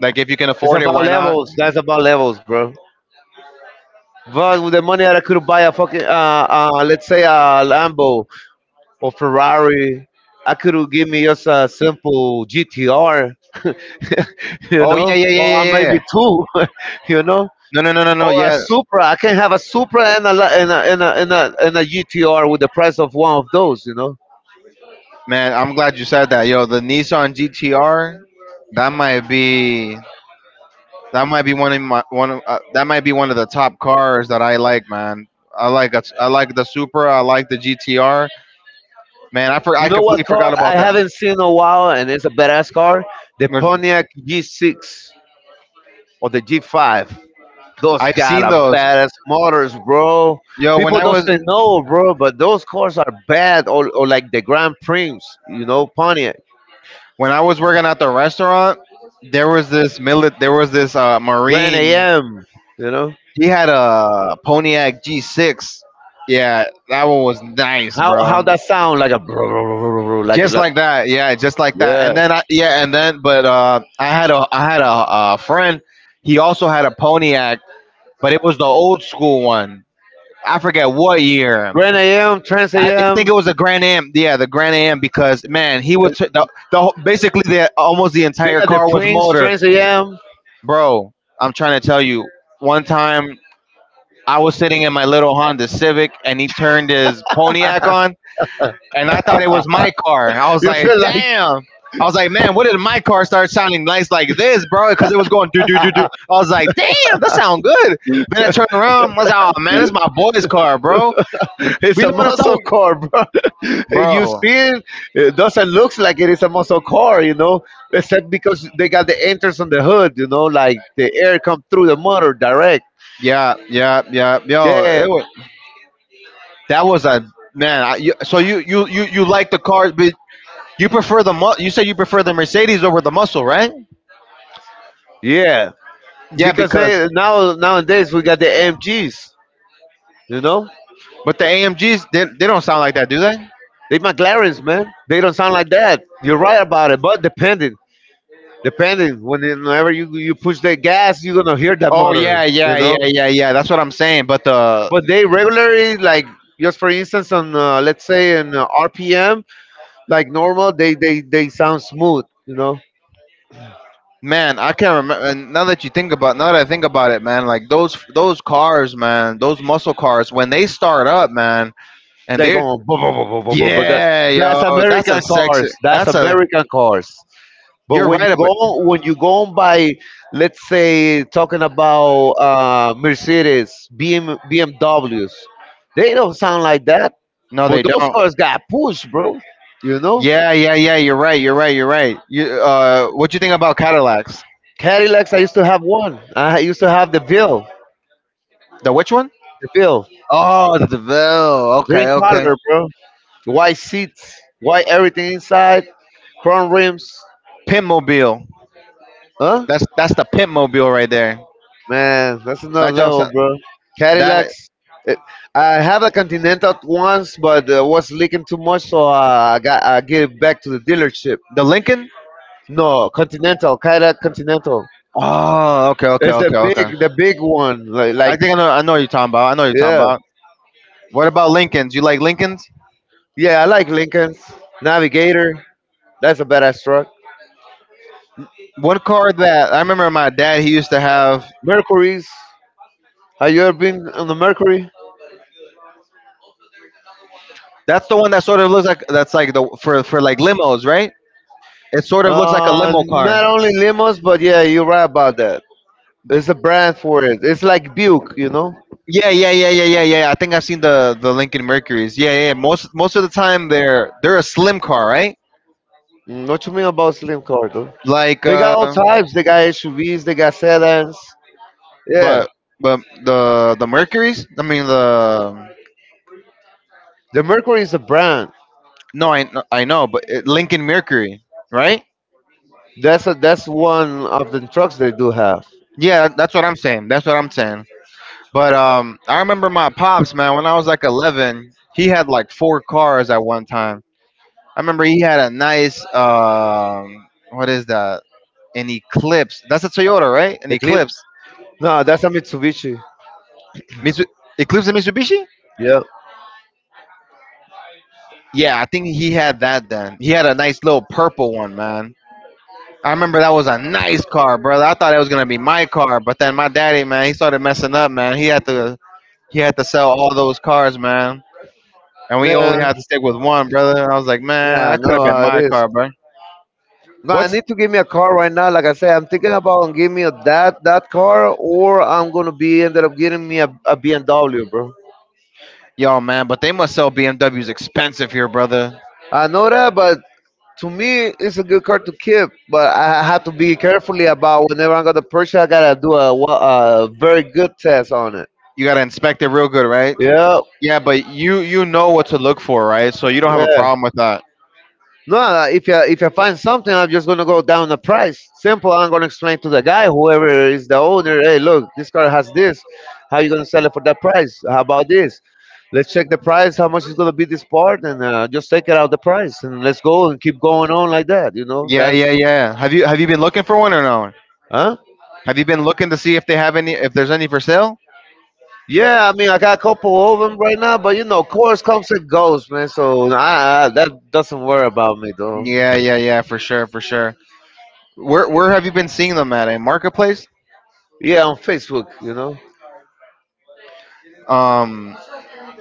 S1: like if you can
S2: It's
S1: afford it,
S2: about
S1: why not?
S2: levels. That's about levels, bro. But with the money that I could buy a fucking let's say a Lambo or Ferrari, I could give me just a simple GTR, [laughs] you
S1: Oh
S2: know,
S1: yeah, yeah, yeah,
S2: or a
S1: yeah,
S2: maybe
S1: yeah.
S2: two, [laughs] you know,
S1: No, no, no, no, no.
S2: or a
S1: Yeah,
S2: Supra. I can have a Supra and a la- and and a GTR with the price of one of those, you know.
S1: man, I'm glad you said that. Yo, the Nissan GTR, that might be that might be one of my that might be one of the top cars that I like, man. I like I like the Supra, I like the GTR. Man,
S2: You
S1: I
S2: know what
S1: completely
S2: car
S1: forgot
S2: I
S1: about
S2: haven't seen in a while, and it's a badass car, the
S1: that.
S2: Pontiac G6 or the G5. Those
S1: I've
S2: got
S1: seen
S2: a
S1: those.
S2: badass motors, bro.
S1: Yo,
S2: People doesn't know, bro, but those cars are bad. Or like the Grand Prix, you know, Pontiac,
S1: when I was working at the restaurant, there was this millet there was this
S2: Grand
S1: Marine.
S2: AM, you know.
S1: He had a Pontiac G6. Yeah, that one was nice,
S2: How
S1: bro.
S2: that sound like a bro, bro, bro, bro, bro, like
S1: Just
S2: like
S1: like that, yeah, just like that.
S2: yeah,
S1: And then I, yeah and then but uh I had a friend. He also had a Pontiac, but it was the old school one. I forget what year.
S2: Grand AM, Trans
S1: i th-
S2: AM.
S1: think it was the Grand Am. Yeah, the Grand Am, because, man, he would basically the almost the
S2: They
S1: entire
S2: got the
S1: car was
S2: Prince
S1: motor,
S2: Trans AM.
S1: bro. I'm trying to tell you, one time I was sitting in my little Honda Civic and he turned his Pontiac on, and I thought it was my car. I was
S2: You
S1: like,
S2: feel like
S1: damn. I was like, man, what did my car start sounding nice like this, bro? Because it was going, do do do do. I was like, damn, that sound good. Then I turned around, I was like, oh man, it's my boy's car, bro.
S2: [laughs] it's
S1: You
S2: a
S1: know what I'm
S2: muscle
S1: talking,
S2: car, bro. [laughs] You see
S1: bro?
S2: it? It doesn't look like it is a muscle car, you know, except because they got the entrance on the hood, you know, like the air come through the motor direct.
S1: Yeah, yeah, yeah, yo,
S2: Yeah,
S1: it was, that was a man. So you you like the cars, but you prefer the you said you prefer the Mercedes over the muscle, right?
S2: yeah.
S1: Yeah,
S2: Because
S1: because
S2: they now nowadays we got the MGs, you know,
S1: but the AMGs, they don't sound like that, do they?
S2: they McLarens, man. They don't sound like that. You're right about it, but depending, depending. Whenever you push the gas, you're gonna hear that
S1: Oh
S2: motor,
S1: yeah,
S2: you
S1: yeah,
S2: know.
S1: yeah, yeah, yeah. That's what I'm saying. But the
S2: But they regularly, like just for instance on let's say in RPM like normal, they sound smooth, you know.
S1: man, I can't remember. Now that you think about, now that I think about it, man, like those cars, man, those muscle cars, when they start up, man, and
S2: They go
S1: they're
S2: on, bu- bu- bu- bu- bu- bu- but that,
S1: yeah,
S2: that's
S1: yo, that's
S2: American
S1: a sexy.
S2: cars, that's
S1: That's a
S2: American cars. But
S1: you're
S2: when you
S1: right about.
S2: go when you go on by, let's say talking about Mercedes, BM, BMWs, they don't sound like that,
S1: No,
S2: but
S1: they
S2: those
S1: don't.
S2: cars got pushed, bro, you know.
S1: Yeah, yeah, yeah. You're right. You're right. You're right. You what you think about Cadillacs?
S2: Cadillacs, I used to have one, I used to have the Ville.
S1: The which one?
S2: The Ville.
S1: Oh, the DeVille.
S2: Green
S1: Okay, okay.
S2: color, bro. White seats, white everything inside, chrome rims.
S1: Pimp mobile.
S2: Huh?
S1: That's the pimp mobile right there.
S2: Man, that's another
S1: That jumps.
S2: level, bro.
S1: That
S2: Cadillacs. It, I had a Continental once, but was leaking too much, so I gave it back to the dealership.
S1: the Lincoln?
S2: No, Continental, Cadillac Continental.
S1: Oh, okay, okay,
S2: It's
S1: okay, okay.
S2: the big one.
S1: I
S2: Like,
S1: think I know. I know what you're talking about. I know what you're talking
S2: yeah,
S1: about. What about Lincolns? You like Lincolns?
S2: yeah. I like Lincolns, Navigator. That's a badass truck.
S1: One car that I remember my dad he used to have.
S2: Mercury's. Have you ever been on the Mercury?
S1: That's the one that sort of looks like that's like the for like limos, right? It sort of looks like a limo car.
S2: Not only limos, but yeah, you're right about that. It's a brand for it. It's like Buick, you know.
S1: Yeah, yeah, yeah, yeah, yeah, yeah. I think I've seen the Lincoln Mercuries. Yeah, yeah, yeah. Most most of the time they're a slim car, right?
S2: Mm, what you mean about slim car though?
S1: Like
S2: They
S1: uh,
S2: got all types. They got SUVs. They got sedans. Yeah,
S1: but but the Mercuries. I mean the
S2: the Mercury is a brand.
S1: no, I know, but it, Lincoln Mercury, right?
S2: That's a that's one of the trucks they do have.
S1: Yeah, that's what I'm saying. That's what I'm saying. But I remember my pops, man. When I was like 11, he had like four cars at one time. I remember he had a nice what is that? An Eclipse. That's a Toyota, right? An
S2: The clip?
S1: Eclipse.
S2: No, that's a Mitsubishi.
S1: Mitsu- Eclipse and Mitsubishi.
S2: Yeah,
S1: Yeah, I think he had that then. He had a nice little purple one, man. I remember that was a nice car, brother. I thought it was gonna be my car, but then my daddy, man, he started messing up, man. He had to sell all those cars, man, and we
S2: yeah,
S1: only had to stick with one, brother. And I was like, man,
S2: yeah. I
S1: that could
S2: know
S1: have been
S2: how it
S1: my
S2: is.
S1: car, bro.
S2: No, I
S1: What's
S2: need to give me a car right now. Like I said, I'm thinking about giving me a that car, or I'm gonna be ended up getting me a BMW, bro.
S1: y'all, man? But they must sell BMWs expensive here, brother.
S2: I know that, but to me, it's a good card to keep. But I have to be carefully about whenever I'm gonna purchase. I gotta do a, wa- a very good test on it.
S1: You gotta inspect it real good, right?
S2: Yeah,
S1: Yeah, but you know what to look for, right? So you don't have a
S2: yeah.
S1: problem with that.
S2: No, no, if I find something, I'm just gonna go down the price. Simple. I'm gonna explain to the guy, whoever is the owner. Hey, look, this car has this. How you gonna sell it for that price? How about this? Let's check the price. How much is gonna be this part, and just take it out the price, and let's go and keep going on like that. You know,
S1: Yeah,
S2: that's
S1: yeah, yeah. Have you been looking for one or no?
S2: huh?
S1: Have you been looking to see if they have any, if there's any for sale?
S2: Yeah, I mean, I got a couple of them right now, but you know, chorus comes and goes, man. So that doesn't worry about me, though.
S1: Yeah, yeah, yeah, for sure, for sure. Where have you been seeing them at? A marketplace?
S2: Yeah, on Facebook, you know,
S1: Um,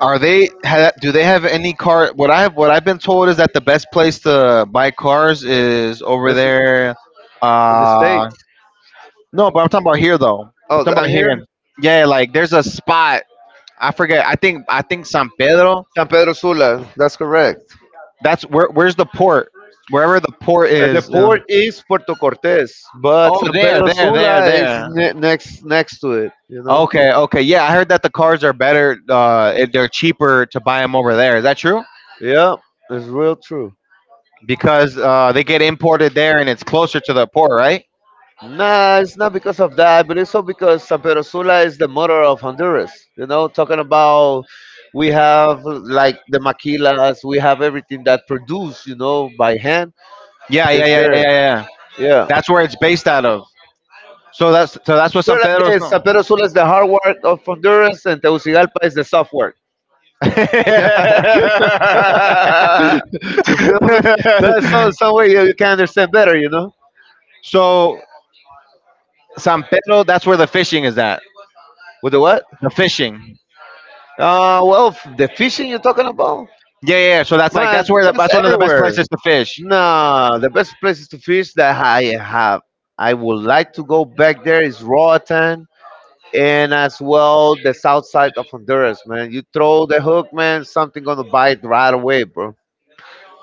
S1: Are they ha, do they have any car? What I've been told is that the best place to buy cars is over
S2: it's
S1: there.
S2: in the
S1: Uh,
S2: states.
S1: no, but I'm talking about here though. I'm
S2: Oh,
S1: talking about
S2: down
S1: here.
S2: here,
S1: Yeah, like there's a spot. I forget. I think San Pedro.
S2: San Pedro Sula. That's correct.
S1: That's where. Where's the port? Wherever the port
S2: The
S1: is,
S2: port is Puerto Cortes, but
S1: oh,
S2: San
S1: there,
S2: Pedro
S1: there, there,
S2: Sula is
S1: there.
S2: ne- next to it. You know.
S1: Okay, okay. Yeah, I heard that the cars are better. If they're cheaper to buy them over there. Is that true?
S2: Yeah, it's real true.
S1: Because they get imported there and it's closer to the port, right?
S2: Nah, it's not because of that, but it's also because San Pedro Sula is the mother of Honduras. You know, talking about we have like the maquilas, we have everything that produced, you know, by hand.
S1: Yeah, yeah,
S2: It's
S1: yeah, yeah,
S2: there.
S1: yeah, yeah.
S2: Yeah.
S1: That's where it's based out of. So that's what
S2: Put
S1: San
S2: it like
S1: Pedro's
S2: this,
S1: no.
S2: San Pedro Sula is the hard work of Honduras, and Tegucigalpa is the soft work. [laughs] You
S1: [laughs]
S2: feel me? That's some way you, you can understand better, you know?
S1: So San Pedro, that's where the fishing is at.
S2: With the what?
S1: The fishing.
S2: Well, f- the fishing you're talking about?
S1: Yeah, yeah, yeah. So that's like
S2: Man,
S1: that's where the, that's
S2: that's
S1: one of the best
S2: everywhere.
S1: places to fish.
S2: No, the best places to fish that I have, I would like to go back there is Roatan, and as well the south side of Honduras, man. You throw the hook, man, something gonna bite right away, bro.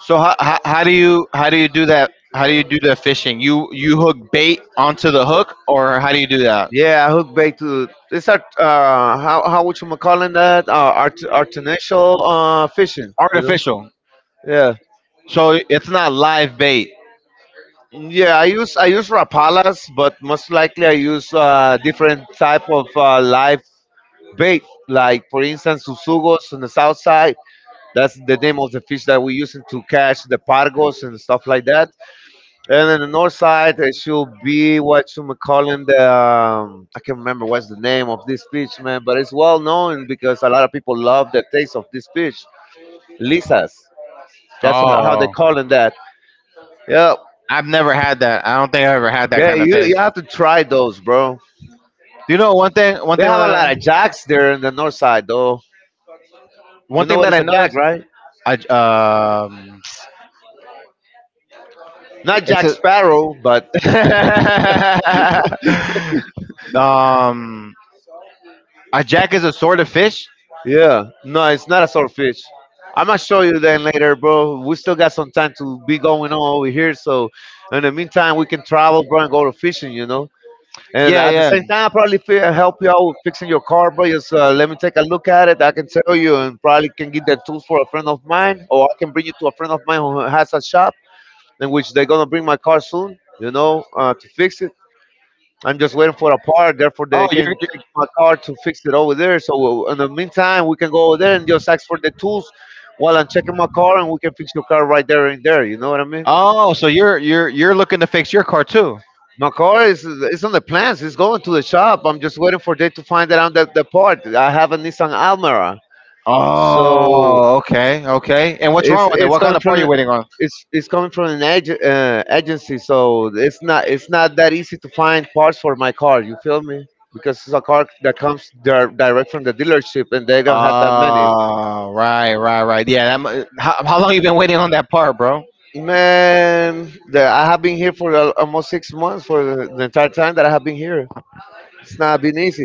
S1: So how do you do that? How do you do the fishing? You hook bait onto the hook, or how do you do that?
S2: Yeah, hook bait to these are how would you call it that art, artificial fishing, you know?
S1: Artificial.
S2: Yeah.
S1: So it's not live bait.
S2: Yeah, I use rapalas, but most likely I use different type of live bait, like for instance susugos on the south side. That's the name of the fish that we using to catch the pargos and stuff like that. And then the north side, it should be what you may call in the I can't remember what's the name of this fish, man, but it's well known because a lot of people love the taste of this fish, lisas. That's how they
S1: Oh.
S2: call it that. Yeah,
S1: I've never had that. I don't think I ever had that
S2: yeah,
S1: kind
S2: you
S1: of fish.
S2: you have to try those, bro.
S1: Do you know one thing?
S2: They have a lot of jacks there in the north side, though. You
S1: One
S2: know
S1: thing
S2: what
S1: that
S2: is
S1: I
S2: a jack,
S1: noticed.
S2: right?
S1: I j- um,
S2: Not
S1: it's
S2: Jack
S1: a
S2: Sparrow, but [laughs]
S1: [laughs] um, a jack is a sort of fish.
S2: yeah, no, it's not a swordfish. I'm gonna show you then later, bro. We still got some time to be going on over here, so in the meantime, we can travel, bro, and go to fishing, you know. And
S1: Yeah,
S2: at the same
S1: yeah.
S2: time, I probably fi- help you out with fixing your car, bro. Just let me take a look at it. I can tell you, and probably can get the tools for a friend of mine, or I can bring you to a friend of mine who has a shop in which they're gonna bring my car soon, you know, to fix it. I'm just waiting for a part. Therefore,
S1: Oh,
S2: they can
S1: you're
S2: take my car to fix it over there. So in the meantime, we can go over there and just ask for the tools while I'm checking my car, and we can fix your car right there and there. You know what I mean?
S1: oh, so you're you're looking to fix your car too.
S2: My car is it's on the plans. It's going to the shop. I'm just waiting for them to find out the part. I have a Nissan Almera. So
S1: Oh, okay, okay. And what's
S2: it's
S1: wrong with it?
S2: it's
S1: What kind
S2: coming
S1: of
S2: from
S1: part are you
S2: the-
S1: waiting on?
S2: it's coming from an ag- agency, so it's not that easy to find parts for my car. You feel me? Because it's a car that comes dir- direct from the dealership, and they don't have that many.
S1: Oh, right, right, right. Yeah, that, how long you been waiting on that part, bro?
S2: Man, the, I have been here for al- almost 6 months for the entire time that I have been here. It's not been easy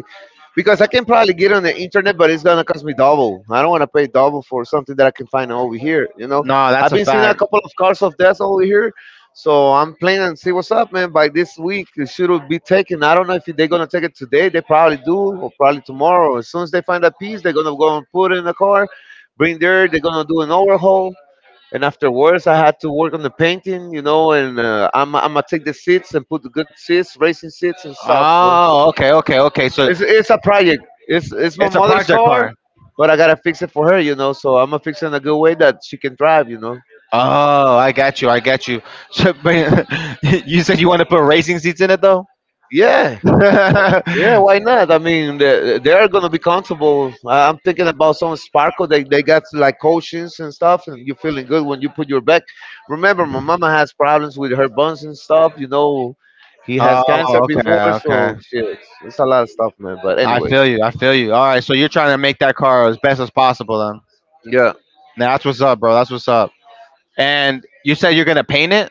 S2: because I can probably get on the internet, but it's gonna cost me double. I don't want to pay double for something that I can find over here. You know,
S1: No,
S2: I've
S1: that's a
S2: been seeing a
S1: fact.
S2: couple of cars of death over here, so I'm planning to see what's up, man. By this week, it should be taken. I don't know if they're gonna take it today. They probably do, or probably tomorrow. As soon as they find a piece, they're gonna go and put it in the car, bring there. They're gonna do an overhaul. And afterwards, I had to work on the painting, you know, and I'm gonna take the seats and put the good seats, racing seats and stuff, bro.
S1: Oh, okay, okay, okay. So
S2: It's a project. It's my
S1: it's a
S2: mother's
S1: project
S2: car,
S1: car.
S2: but I gotta fix it for her, you know. So I'm gonna fix it in a good way that she can drive, you know.
S1: Oh, I got you. I got you. So, but [laughs] you said you want to put racing seats in it though.
S2: Yeah,
S1: [laughs]
S2: yeah. Why not? I mean, they are gonna be comfortable. I- I'm thinking about some sparkle. They got like cushions and stuff, and you feeling good when you put your back. Remember, my mama has problems with her buns and stuff. You know, he has
S1: Oh,
S2: cancer
S1: okay,
S2: before, so
S1: okay.
S2: shit, it's a lot of stuff, man. But
S1: I
S2: anyways,
S1: feel you. I feel you. All right, so you're trying to make that car as best as possible, then.
S2: yeah.
S1: Now that's what's up, bro. That's what's up. And you said you're gonna paint it.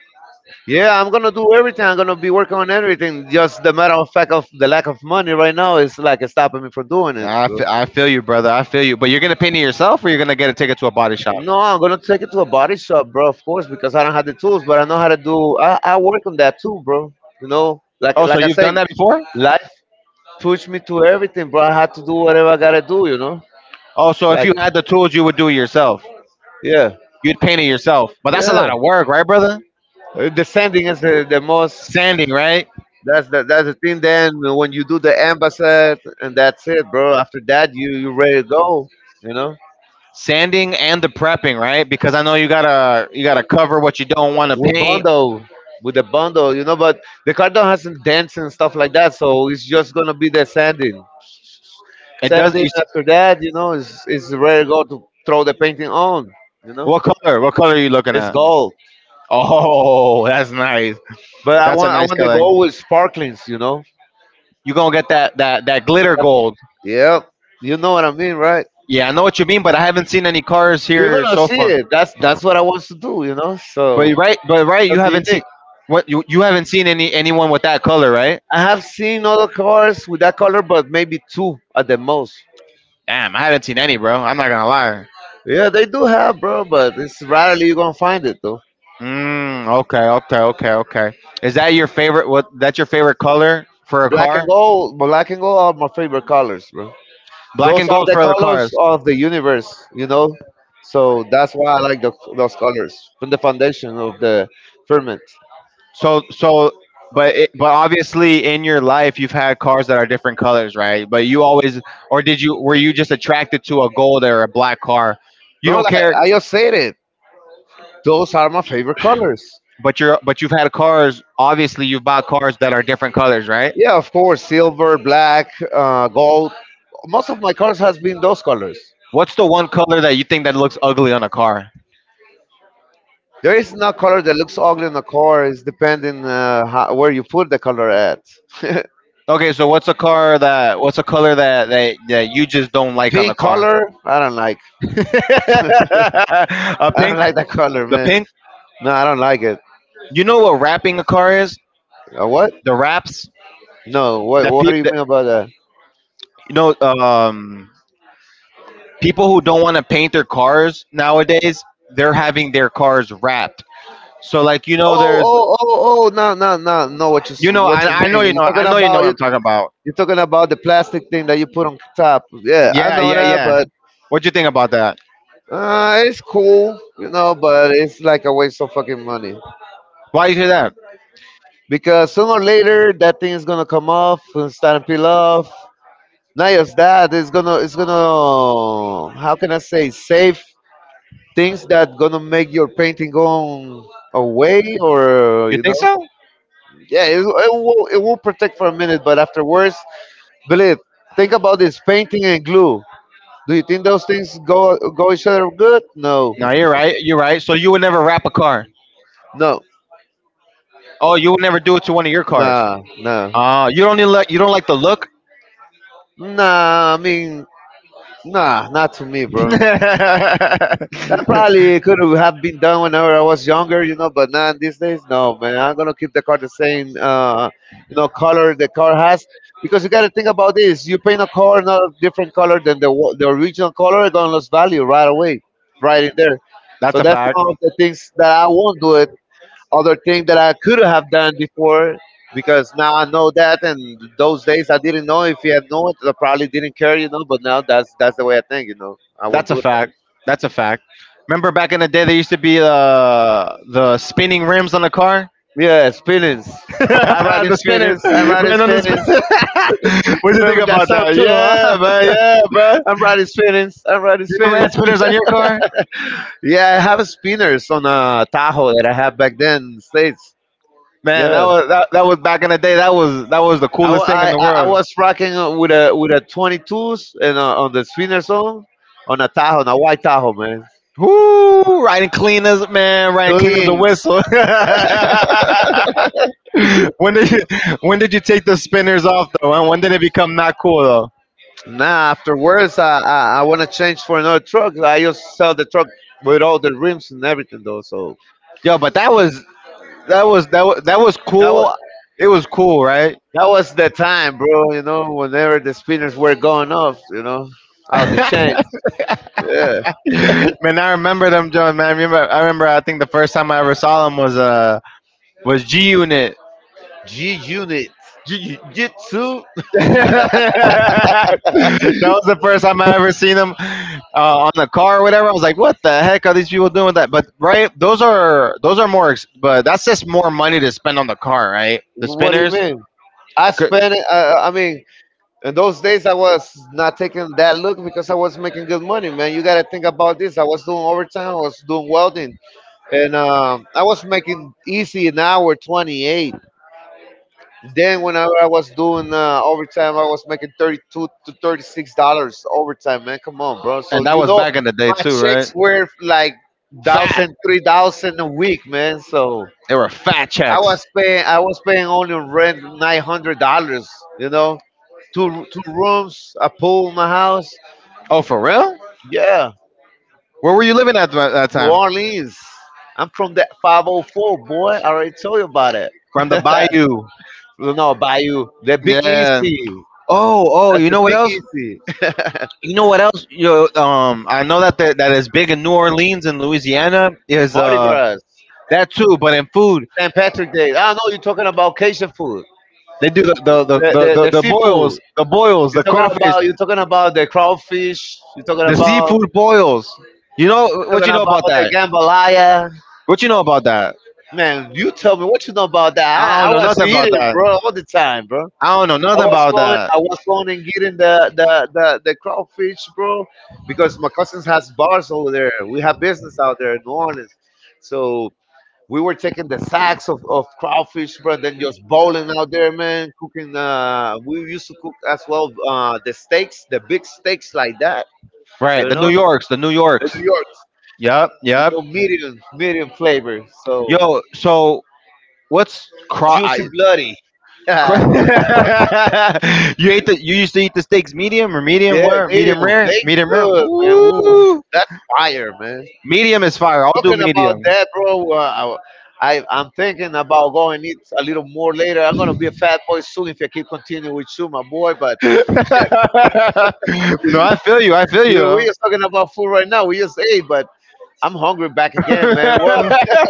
S2: Yeah, I'm gonna do everything. I'm gonna be working on everything. Just the matter of fact of the lack of money right now is like stopping me from doing it, bro.
S1: I feel you, brother. I feel you. But you're gonna paint it yourself, or you're gonna get a ticket to a body shop.
S2: No, I'm gonna take it to a body shop, bro. Of course, because I don't have the tools, but I know how to do. I work on that too, bro. You know, like
S1: Oh, so
S2: like I
S1: you've done
S2: said,
S1: that before?
S2: life pushed me to everything, bro. I had to do whatever I gotta do. You know,
S1: Oh, so if
S2: like
S1: you had the tools, you would do it yourself.
S2: yeah,
S1: You'd paint it yourself. But that's a
S2: yeah.
S1: lot of work, right, brother?
S2: The sanding is the most.
S1: Sanding, right?
S2: That's the thing. Then when you do the ambassad, and that's it, bro. After that, you ready to go. You know,
S1: Sanding and the prepping, right? Because I know you gotta cover what you don't want to
S2: with
S1: paint.
S2: bundle, with the bundle, you know. But the cardon has some dancing and stuff like that, so it's just gonna be the sanding.
S1: It does.
S2: Sanding
S1: You,
S2: after that, you know, is ready to go to throw the painting on. You know,
S1: what color? What color are you looking
S2: it's
S1: at?
S2: gold.
S1: Oh, [laughs] that's nice.
S2: But I
S1: That's a
S2: want I
S1: nice
S2: want the
S1: color.
S2: gold with sparklings. You know.
S1: You gonna get that that glitter gold?
S2: Yep. You know what I mean, right?
S1: Yeah, I know what you mean, but I haven't seen any cars
S2: You're
S1: here
S2: gonna
S1: so
S2: see
S1: far.
S2: it. That's what I want to do. You know,
S1: But you
S2: so
S1: right, but right, you
S2: something
S1: haven't seen
S2: unique.
S1: what you haven't seen any anyone with that color, right?
S2: I have seen other cars with that color, but maybe two at the most.
S1: Damn, I haven't seen any, bro. I'm not gonna lie.
S2: Yeah, they do have, bro, but it's rarely you're gonna find it though.
S1: Mm, okay, okay, okay, okay. Is that your favorite? What? That's your favorite color for a car?
S2: Black and gold are my favorite colors, bro.
S1: Black
S2: Those
S1: and
S2: are
S1: gold
S2: the
S1: for the
S2: colors
S1: cars.
S2: of the universe, you know. So that's why I like those colors from the foundation of the firmament.
S1: So so but it, but obviously in your life you've had cars that are different colors, right? But you always or did you were you just attracted to a gold or a black car? You
S2: No,
S1: don't
S2: like
S1: care,
S2: I just said it. Those are my favorite colors.
S1: but you're but you've had cars, obviously you've bought cars that are different colors, right?
S2: Yeah, of course, silver, black, gold. Most of my cars has been those colors.
S1: What's the one color that you think that looks ugly on a car?
S2: There is no color that looks ugly on a car. It's depending how, where you put the color at. [laughs]
S1: Okay, so what's a car that what's a color that you just don't like on a
S2: Pink
S1: car?
S2: color, I don't like.
S1: [laughs] A
S2: I don't
S1: pink,
S2: like that color,
S1: the
S2: man.
S1: pink.
S2: No, I don't like it.
S1: You know what wrapping a car is?
S2: What?
S1: The wraps
S2: No. What?
S1: that
S2: What do you
S1: people
S2: mean about that?
S1: you know, people who don't want to paint their cars nowadays, they're having their cars wrapped. So like you know,
S2: Oh,
S1: there's
S2: oh, oh, oh! No, no, no, no. What
S1: you know,
S2: what you
S1: I know you
S2: mean?
S1: know,
S2: You're
S1: I
S2: talking
S1: know you know
S2: about
S1: what
S2: you.
S1: I'm talking about.
S2: You're talking about the plastic thing that you put on top. Yeah, I
S1: Yeah,
S2: know
S1: yeah,
S2: that,
S1: yeah.
S2: but
S1: What you think about that?
S2: it's cool, you know. But it's like a waste of fucking money
S1: Why you do that?
S2: because sooner or later that thing is gonna come off and start to peel off. Not just that. It's going to It's gonna is gonna, how can I say, save things that gonna make your painting go away, or
S1: You
S2: you
S1: think
S2: know,
S1: so?
S2: yeah, it will, it will protect for a minute, but afterwards, believe, think about this, painting and glue, do you think those things go each other good? No,
S1: No, you're right. You're right. So you would never wrap a car.
S2: no,
S1: Oh, you would never do it to one of your cars.
S2: nah nah
S1: Oh, you don't like the look.
S2: nah, I mean, nah, not to me, bro. That probably could have been done whenever I was younger, you know, but not these days, no, man. I'm gonna keep the car the same, you know, color the car has, because you gotta think about this. You paint a car not a different color than the original color, it's gonna lose value right away, right in there.
S1: [laughs]
S2: So
S1: That's a
S2: that's
S1: fact.
S2: one of the things that I won't do it. Other thing that I could have done before, because now I know that, and those days I didn't know. If you had known it, I probably didn't care, you know. But now that's the way I think, you know. I won't
S1: That's a
S2: do it.
S1: fact. That's a fact. Remember back in the day, there used to be the spinning rims on the car,
S2: Yes, feelings.
S1: [laughs]
S2: I ride
S1: the
S2: his
S1: spinners,
S2: feelings. I ride
S1: man
S2: his
S1: on the
S2: feelings.
S1: spin. [laughs] What do you think
S2: Remember that
S1: about
S2: song
S1: that?
S2: too, huh?
S1: Yeah, man. Yeah, bro.
S2: [laughs] I'm riding spinners. I'm riding
S1: You ever had
S2: spinners.
S1: spinners on your car?
S2: Yeah, I have a spinners on a Tahoe that I had back then in the states.
S1: Man, that
S2: Yeah,
S1: was that, that was back in the day. That was the
S2: I, wa-
S1: coolest thing in the
S2: I
S1: world.
S2: was rocking with a 22s and on the spinners on a Tahoe, on a white Tahoe, man.
S1: Woo! Riding clean as man, riding clean as a
S2: Doing
S1: whistle. [laughs] when did you, when did you take the spinners off though? Huh? When did it become not cool though?
S2: nah. Afterwards, I want to change for another truck. I just sell the truck with all the rims and everything though. So
S1: Yo, but that was that was that was, that was
S2: that wa
S1: cool. It was cool, right?
S2: that was the time, bro. You know, whenever the spinners were going off, you know,
S1: [laughs]
S2: out the chain.
S1: Man,
S2: Yeah.
S1: I remember them, John. Man, I remember, I remember. I think the first time I ever saw them was G Unit.
S2: G Unit, G Jitsu.
S1: [laughs] That was the first time I ever seen them on the car or whatever. I was like, "What the heck are these people doing with that?" But right, those are more, but that's just more money to spend on the car, right? The
S2: What do you
S1: spinners,
S2: mean? I
S1: C-
S2: spent it. I mean, in those days, I was not taking that look because I was making good money, man. You got to think about this. I was doing overtime. I was doing welding, and I was making easy an hour 28. Then whenever I was doing overtime, I was making $32 to $36 overtime. Man, come on, bro.
S1: and
S2: So
S1: that
S2: you
S1: was
S2: know,
S1: back in the day
S2: my
S1: too, right?
S2: checks were like
S1: Fat,
S2: thousand, 3,000 a week, man. So
S1: they were fat checks.
S2: I was paying only rent $900. You know, two rooms, a pool in my house.
S1: Oh, for real?
S2: Yeah,
S1: Where were you living at that
S2: New
S1: time?
S2: Orleans. I'm from that 504, boy. I already told you about it.
S1: From the bayou.
S2: [laughs] No, Bayou, the Big
S1: Yeah.
S2: Easy.
S1: Oh, oh,
S2: That's
S1: you
S2: the
S1: know what
S2: Big
S1: else?
S2: Easy. [laughs]
S1: You know what else? Yo, I know that that is big in New Orleans and Louisiana is
S2: Mardi
S1: uh.
S2: Gras,
S1: That too, but in food,
S2: St. Patrick Day. I know you're talking about Cajun food,
S1: they do the
S2: the,
S1: the, the, the, the,
S2: the
S1: the boils,
S2: seafood. You're
S1: the
S2: talking
S1: crawfish,
S2: about, you're talking about the crawfish. You're talking
S1: the
S2: about,
S1: seafood boils. You know
S2: you're
S1: what you
S2: talking
S1: know
S2: about
S1: about
S2: the
S1: that?
S2: jambalaya.
S1: What you know about that?
S2: Man, you tell me what you know about
S1: I
S2: that. I
S1: don't know
S2: was
S1: nothing about
S2: eating,
S1: that.
S2: bro, all the time, bro.
S1: I don't know nothing about that.
S2: I was going and getting the crawfish, bro, because my cousins has bars over there. We have business out there in New Orleans, so we were taking the sacks of crawfish, bro, and then just bowling out there, man. Cooking, we used to cook as well the steaks, the big steaks like that,
S1: Right,
S2: you
S1: the New
S2: know.
S1: Yorks, the New
S2: The
S1: Yorks.
S2: New York,
S1: Yep,
S2: you
S1: yep.
S2: know, medium, medium flavor, so
S1: Yo, so what's craw?
S2: juicy, bloody. [laughs] Yeah,
S1: Cra- [laughs] you ate the. You used to eat the steaks medium or medium rare? Medium
S2: medium,
S1: rare?
S2: they
S1: Medium rare?
S2: good, man. Ooh,
S1: Ooh.
S2: that's fire, man.
S1: Medium is fire. I'll do
S2: Talking about
S1: medium. [laughs]
S2: that, bro, I'm thinking about going eat a little more later. I'm gonna be a fat boy soon if I keep continuing with you, my boy, but.
S1: No, I feel you. I feel you
S2: Dude, we
S1: though.
S2: are talking about food right now. We just ate, but I'm hungry back again, man. What?
S1: [laughs]
S2: [laughs]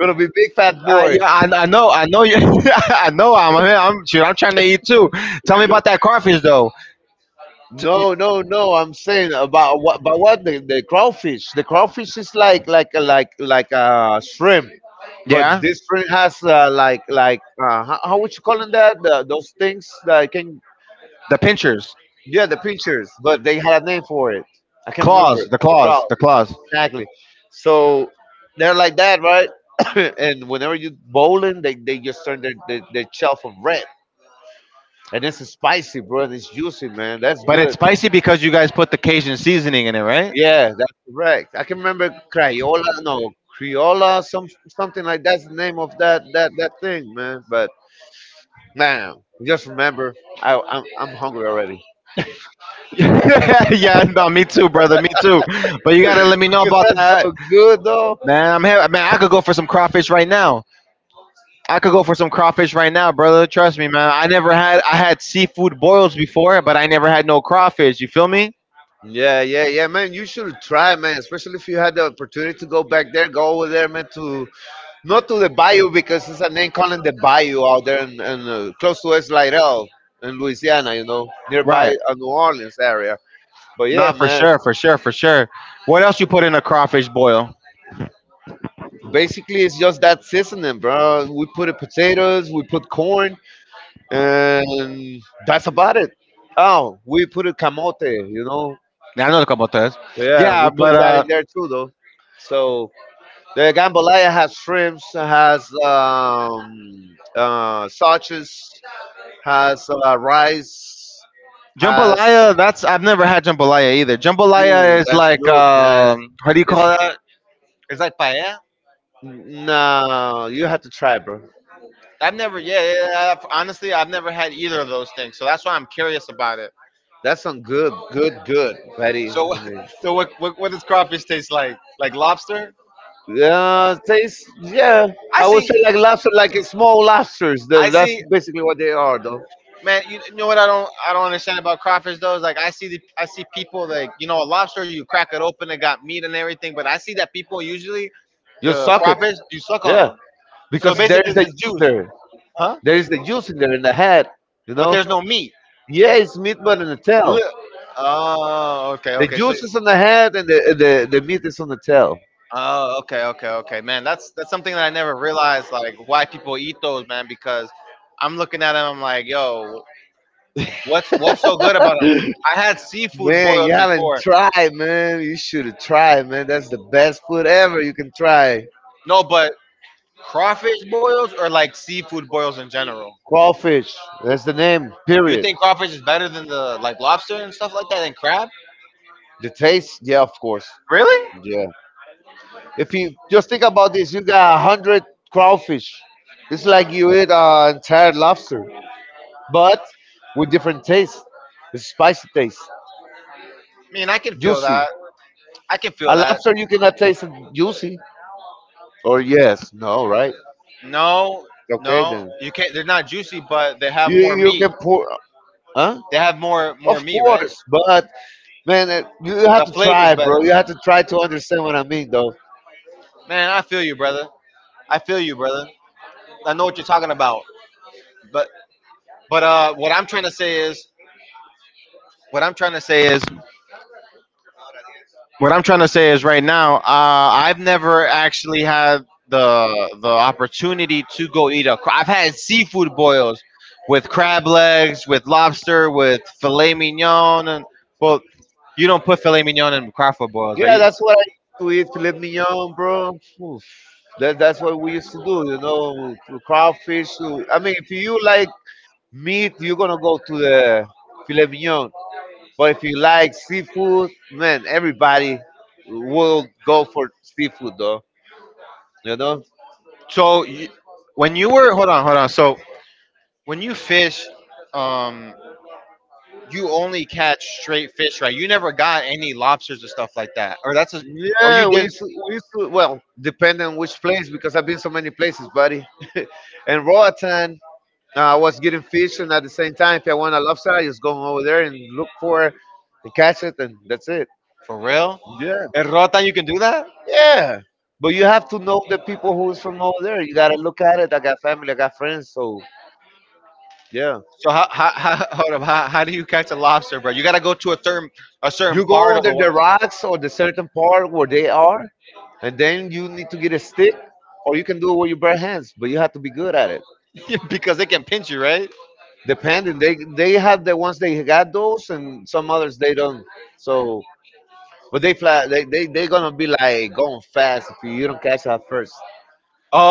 S2: Gonna be big fat
S1: yeah,
S2: boy.
S1: I know. I know you. [laughs] I know. I'm. I'm. Shoot, I'm trying to eat too. Tell me about that crawfish though. T-
S2: No,
S1: you-
S2: no, no. I'm saying about what? About what? The crawfish. The crawfish is like like shrimp, but
S1: Yeah.
S2: this shrimp has, like how would you call it that? Those things that can,
S1: The pinchers,
S2: yeah, the pinchers, but they had a name for it. I can't remember.
S1: claws, the claws.
S2: Exactly. So they're like that, right? [coughs] And whenever you bowling, they just turn their shelf of red. And it's spicy, bro. And it's juicy, man. That's
S1: But it's
S2: good.
S1: spicy because you guys put the Cajun seasoning in it, right?
S2: Yeah, that's correct. I can remember Crayola, no, Criolla, something like that's the name of that thing, man. But man, just remember, I'm hungry already.
S1: [laughs] Yeah, no, me too, brother, me too. But you gotta let me
S2: [laughs]
S1: know
S2: Because
S1: about
S2: that's
S1: that,
S2: so good, though.
S1: man. I'm here, man. I could go for some crawfish right now. I could go for some crawfish right now, brother. Trust me, man. I never had I had seafood boils before, but I never had no crawfish. You feel me?
S2: Yeah, yeah, yeah, man. You should try, man. Especially if you had the opportunity to go back there, go over there, man, to, not to the bayou, because it's a name calling the bayou out there in, close to West Lydell in Louisiana, you know, nearby
S1: Right.
S2: New Orleans area. But
S1: Nah,
S2: yeah,
S1: for
S2: man,
S1: sure, for sure, for sure. What else you put in a crawfish boil?
S2: basically it's just that seasoning, bro. We put it potatoes, we put corn, and that's about it. Oh, we put it camote, you know.
S1: Now I know the couple of those.
S2: Yeah, we
S1: Yeah, but
S2: put that in there too, though. So the jambalaya has shrimps, has sausages, has rice, has,
S1: Jambalaya, that's I've never had jambalaya either. Jambalaya
S2: ooh,
S1: is
S2: that's
S1: like
S2: good, man.
S1: how do you
S2: It's,
S1: call that? It's like paella.
S2: no, you have to try, bro.
S1: I've never, yeah, yeah, yeah, honestly, I've never had either of those things, so that's why I'm curious about it.
S2: That's some good, good, good, Betty.
S1: So,
S2: I mean,
S1: [laughs] so what does crawfish taste like? Like lobster?
S2: yeah, tastes. Yeah,
S1: I
S2: I would
S1: see,
S2: say like lobster, like it's small lobsters.
S1: I
S2: That's
S1: see,
S2: basically what they are, though.
S1: man. You know what I don't understand about crawfish though. Is like I see, I see people like, you know, a lobster, you crack it open, it got meat and everything, but I see that people usually,
S2: You
S1: the
S2: suck it,
S1: crawfish, you suck on
S2: yeah,
S1: them. So
S2: because there
S1: basically,
S2: is
S1: it's
S2: a
S1: just
S2: juice
S1: juice,
S2: there.
S1: huh?
S2: There is the juice in there in the head, you
S1: But
S2: know.
S1: there's no meat.
S2: Yeah, it's meat, but in the tail.
S1: Li- oh, okay,
S2: The
S1: okay. So,
S2: juice is on the head, and the meat is on the tail.
S1: oh, okay, okay, okay. Man, that's something that I never realized. Like, why people eat those, man? Because I'm looking at them, I'm like, yo, what's so good about them?
S2: [laughs]
S1: I had seafood
S2: Man, you
S1: boils
S2: haven't
S1: before.
S2: tried, man. You should have tried, man. That's the best food ever you can try.
S1: No, but crawfish boils or like seafood boils in general.
S2: Crawfish. That's the name,
S1: You
S2: period.
S1: think crawfish is better than the like lobster and stuff like that and crab?
S2: The taste? Yeah, of course.
S1: Really?
S2: Yeah. If you just think about this, you got 100 crawfish. It's like you eat an entire lobster, but with different taste. It's spicy taste,
S1: I mean, I can feel
S2: juicy.
S1: that. I can
S2: A
S1: feel that.
S2: lobster you cannot taste it juicy. Or yes, no, right?
S1: No,
S2: Okay
S1: no,
S2: then.
S1: you can't. They're not juicy, but they have
S2: You
S1: more
S2: you
S1: meat.
S2: can pour, huh?
S1: They have more
S2: Of
S1: meat, right?
S2: course, but man, you you have
S1: The
S2: to
S1: flavor's
S2: try, bro.
S1: better.
S2: You have to try to understand what I mean, though.
S1: Man, I feel you, brother. I feel you, brother. I know what you're talking about. But but what I'm trying to say is what I'm trying to say is what I'm trying to say is right now, I've never actually had the opportunity to go eat a I've had seafood boils with crab legs, with lobster, with filet mignon and well, you don't put filet mignon in crawford boils, right?
S2: Yeah, that's what I used to eat filet mignon, bro. Oof. That's what we used to do, you know, to crawfish. To, I mean, if you like meat, you're gonna go to the filet mignon. But if you like seafood, man, everybody will go for seafood, though. You know,
S1: So you, when you were hold on, hold on. So when you fish, um, you only catch straight fish, right? You never got any lobsters or stuff like that, or that's a, or you
S2: yeah, we
S1: did
S2: used to, we used to, well, depending on which place, because I've been so many places, buddy. [laughs] And Roatan, I was getting fish, and at the same time, if I want a lobster, I just go over there and look for it and catch it, and that's it.
S1: for real.
S2: Yeah,
S1: In Rota, you can do that.
S2: yeah. But you have to know the people who's from over there. You gotta look at it. I got family, I got friends, so yeah.
S1: So [laughs] how hold up, how do you catch a lobster, bro? You gotta go to a certain
S2: You go
S1: part of
S2: under
S1: the
S2: the
S1: water.
S2: rocks or the certain part where they are, and then you need to get a stick, or you can do it with your bare hands, but you have to be good at it.
S1: [laughs] Because they can pinch you, right?
S2: Depending, they have the ones they got those, and some others they don't. So, but they fly. They gonna be like going fast if you don't catch it at first.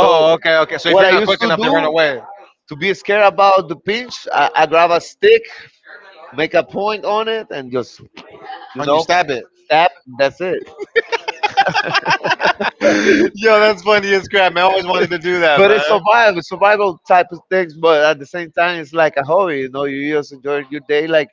S2: So
S1: okay, okay. So if
S2: what
S1: you're
S2: I
S1: not
S2: used
S1: quick
S2: to
S1: enough, they run
S2: do
S1: away
S2: to be scared about the pinch, I grab a stick, make a point on it, and just, you
S1: and you
S2: know,
S1: stab it.
S2: tap. That's it.
S1: [laughs] Yo, that's funny as crap, man. I always wanted to do that,
S2: But
S1: man.
S2: it's survival type of things. But at the same time, it's like a hobby. You know, you just enjoy your day. Like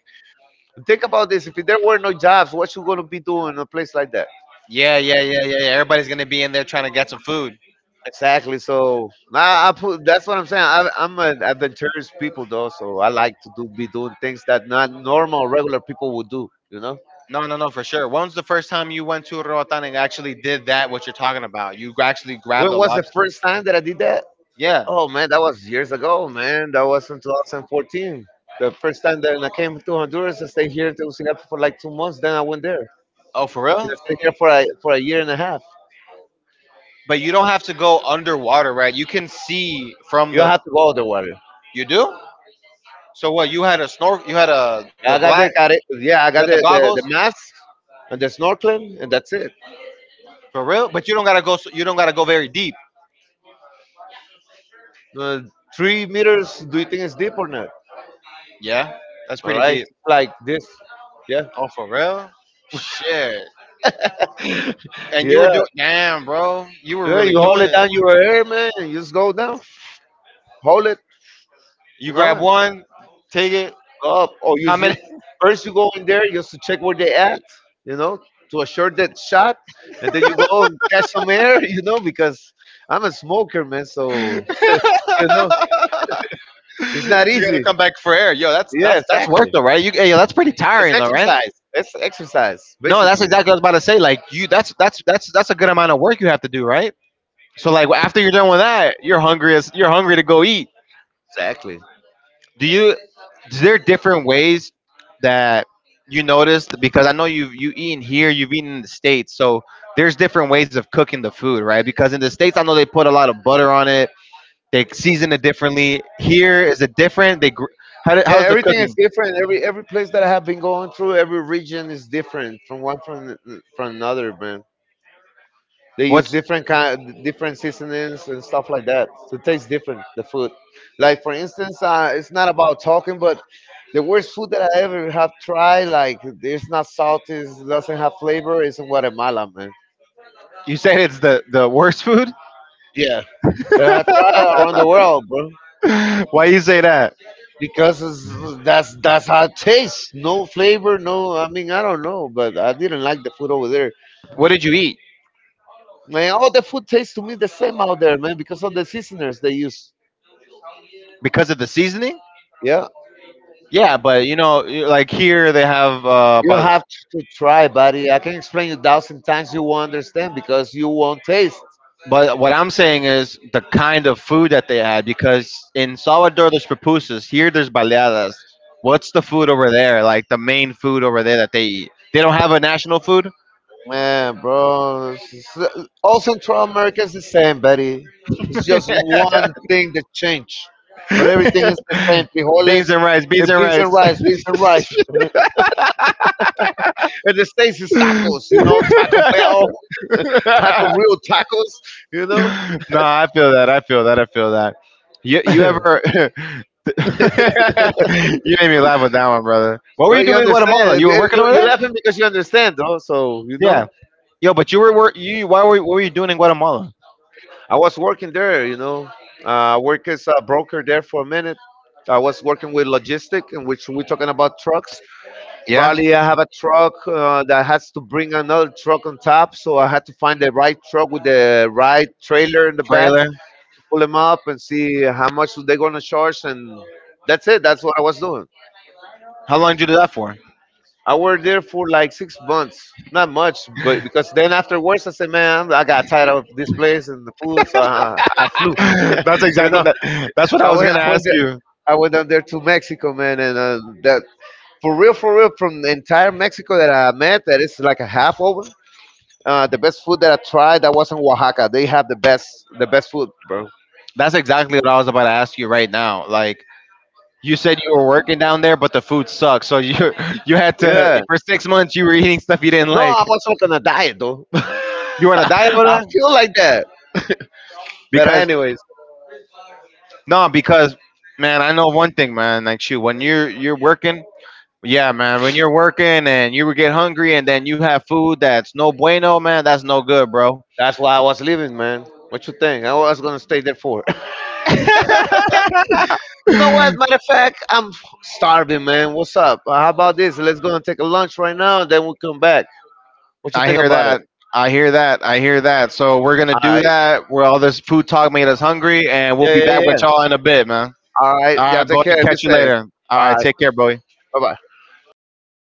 S2: think about this: if there were no jobs, what you gonna be doing in a place like that?
S1: Yeah, yeah, yeah, yeah, yeah. Everybody's gonna be in there trying to get some food.
S2: Exactly. So nah, I put, that's what I'm saying. I'm an adventurous people though, so I like to do be doing things that not normal regular people would do. You know.
S1: No, no, no, for sure. When was the first time you went to Roatan and actually did that? What you're talking about? You actually grabbed
S2: When
S1: a
S2: was the
S1: lobster.
S2: first time that I did that?
S1: Yeah.
S2: Oh man, that was years ago, man. That was in 2014. The first time that I came to Honduras, I stayed here in Tegucigalpa for like 2 months. Then I went there. And
S1: Oh, for real?
S2: I stayed there for a year and a half.
S1: But you don't have to go underwater, right? You can see from
S2: You have
S1: the.
S2: to go underwater.
S1: You do? So what? You had a snor. You had a the
S2: I got
S1: glass.
S2: the care- yeah, I
S1: You had
S2: got
S1: the
S2: the, the,
S1: goggles.
S2: the mask and the snorkeling, and that's it.
S1: For real? But you don't gotta go. You don't gotta go very deep.
S2: Uh, 3 meters, do you think it's deep or not?
S1: Yeah, that's
S2: All
S1: pretty
S2: right,
S1: deep.
S2: like this. Yeah,
S1: Oh, for real? Shit. And you were
S2: yeah.
S1: doing, damn, bro. You were
S2: Yeah,
S1: really
S2: you hold
S1: doing
S2: it
S1: it.
S2: down your hair, man. You just go down, hold it,
S1: You
S2: you know,
S1: grab
S2: and
S1: one, take it.
S2: up.
S1: How many?
S2: First you go in there just to check where they at, you know, to assure that shot, and then you go and catch some air, [laughs] you know, because I'm a smoker, man.
S1: [laughs]
S2: So
S1: You
S2: you know,
S1: gotta
S2: it's not easy.
S1: come back for air, yo. That's
S2: Yeah,
S1: that's that's worth
S2: exactly.
S1: it, right? You, hey, yo, that's pretty
S2: It's
S1: tiring, though, right?
S2: exercise. It's exercise,
S1: No, that's
S2: basically.
S1: exactly what I was about to say. Like you, that's that's a good amount of work you have to do, right? So like after you're done with that, you're hungry to go eat.
S2: Exactly.
S1: Do you is there different ways that you noticed, because I know you've you eaten here, you've eaten in the states, so there's different ways of cooking the food, right? Because in the states I know they put a lot of butter on it, they season it differently. Here is it different? How do,
S2: Yeah,
S1: how's the
S2: everything is
S1: cooking?
S2: different. Every place that I have been going through, every region is different from one from another, man. They use
S1: What's
S2: different kind, different seasonings and stuff like that. So it tastes different. The food, like for instance, it's not about talking, but the worst food that I ever have tried, like it's not salty, it doesn't have flavor, is in Guatemala, man.
S1: you said it's the worst food?
S2: Yeah, that I tried around the
S1: [laughs]
S2: world, bro.
S1: Why you say that?
S2: That's how it tastes. No flavor, no. I mean, I don't know, but I didn't like the food over there.
S1: What did you eat?
S2: Man, all the food tastes to me the same out there, man, because of the seasoners they use.
S1: Because of the seasoning.
S2: Yeah,
S1: Yeah, but you know, like here they have,
S2: you have to try, buddy. I can explain you thousand times, you won't understand because you won't taste.
S1: but what I'm saying is the kind of food that they had, because in Salvador there's pupusas, here there's baleadas. What's the food over there? Like the main food over there that they eat? They don't have a national food.
S2: Man, bro, all Central America is the same, buddy. It's
S1: [laughs]
S2: just one thing that changed, but everything is the same. Frijoles,
S1: Beans and rice,
S2: eh,
S1: beans and
S2: beans
S1: rice.
S2: and rice, beans and rice. [laughs] And the states is tacos, you know, Taco Bell, [laughs] taco
S1: [laughs]
S2: real tacos, you know.
S1: [laughs] No, I feel that. I feel that. I feel that. You
S2: [clears throat] [laughs]
S1: ever [laughs] you made me laugh with that one, brother. What were
S2: Well,
S1: you
S2: you
S1: doing in Guatemala?
S2: understand.
S1: You were working
S2: You,
S1: over
S2: you're
S1: there?
S2: laughing because you understand, though. So, you
S1: Yeah.
S2: know,
S1: Yo, but you why were what were you doing in Guatemala?
S2: I was working there, you know. I worked as a broker there for a minute. I was working with logistic, in which we're talking about trucks.
S1: Yeah?
S2: Probably I have a truck that has to bring another truck on top. So I had to find the right truck with the right trailer in the back,
S1: Trailer.
S2: pull them up and see how much they're going to charge. And that's it. That's what I was doing.
S1: How long did you do that for?
S2: I worked there for like 6 months. Not much, but because then afterwards I said, man, I got tired of this place and the food, so I flew.
S1: [laughs]
S2: [laughs] You know,
S1: That's what I
S2: I
S1: was
S2: went,
S1: going to
S2: I went,
S1: ask
S2: there,
S1: you.
S2: I went down there to Mexico, man, and that for real, from the entire Mexico that I met, that is like a half over. The best food that I tried that was in Oaxaca. They have the best food, bro.
S1: That's exactly what I was about to ask you right now. Like you said you were working down there, but the food sucks. So you [laughs] you had
S2: Yeah.
S1: to for 6 months you were eating stuff you didn't
S2: No,
S1: like.
S2: I was not on a diet though. [laughs]
S1: You want to die over
S2: I
S1: that?
S2: feel like that. But
S1: Because
S2: anyways,
S1: no, because man, I know one thing, man. Like shoot, when you're working, yeah, man. When you're working and you get hungry and then you have food that's no bueno, man. That's no good, bro.
S2: that's why I was leaving, man. What you think? I was gonna stay there for. [laughs]
S1: [laughs]
S2: You know what? Matter of fact, I'm starving, man. What's up? How about this? Let's go and take a lunch right now, and then we'll come back. What you
S1: I
S2: think
S1: hear
S2: about it?
S1: that. I hear that. I hear that. So we're gonna
S2: All
S1: do
S2: right.
S1: that. Where all this food talk made us hungry, and we'll
S2: Yeah,
S1: be
S2: yeah,
S1: back with
S2: yeah.
S1: y'all in a bit, man.
S2: All right.
S1: All
S2: Yeah,
S1: right,
S2: take
S1: boy.
S2: care. Be
S1: Catch you
S2: safe.
S1: later. All
S2: All
S1: right.
S2: right.
S1: Take care, boy.
S2: Bye, bye.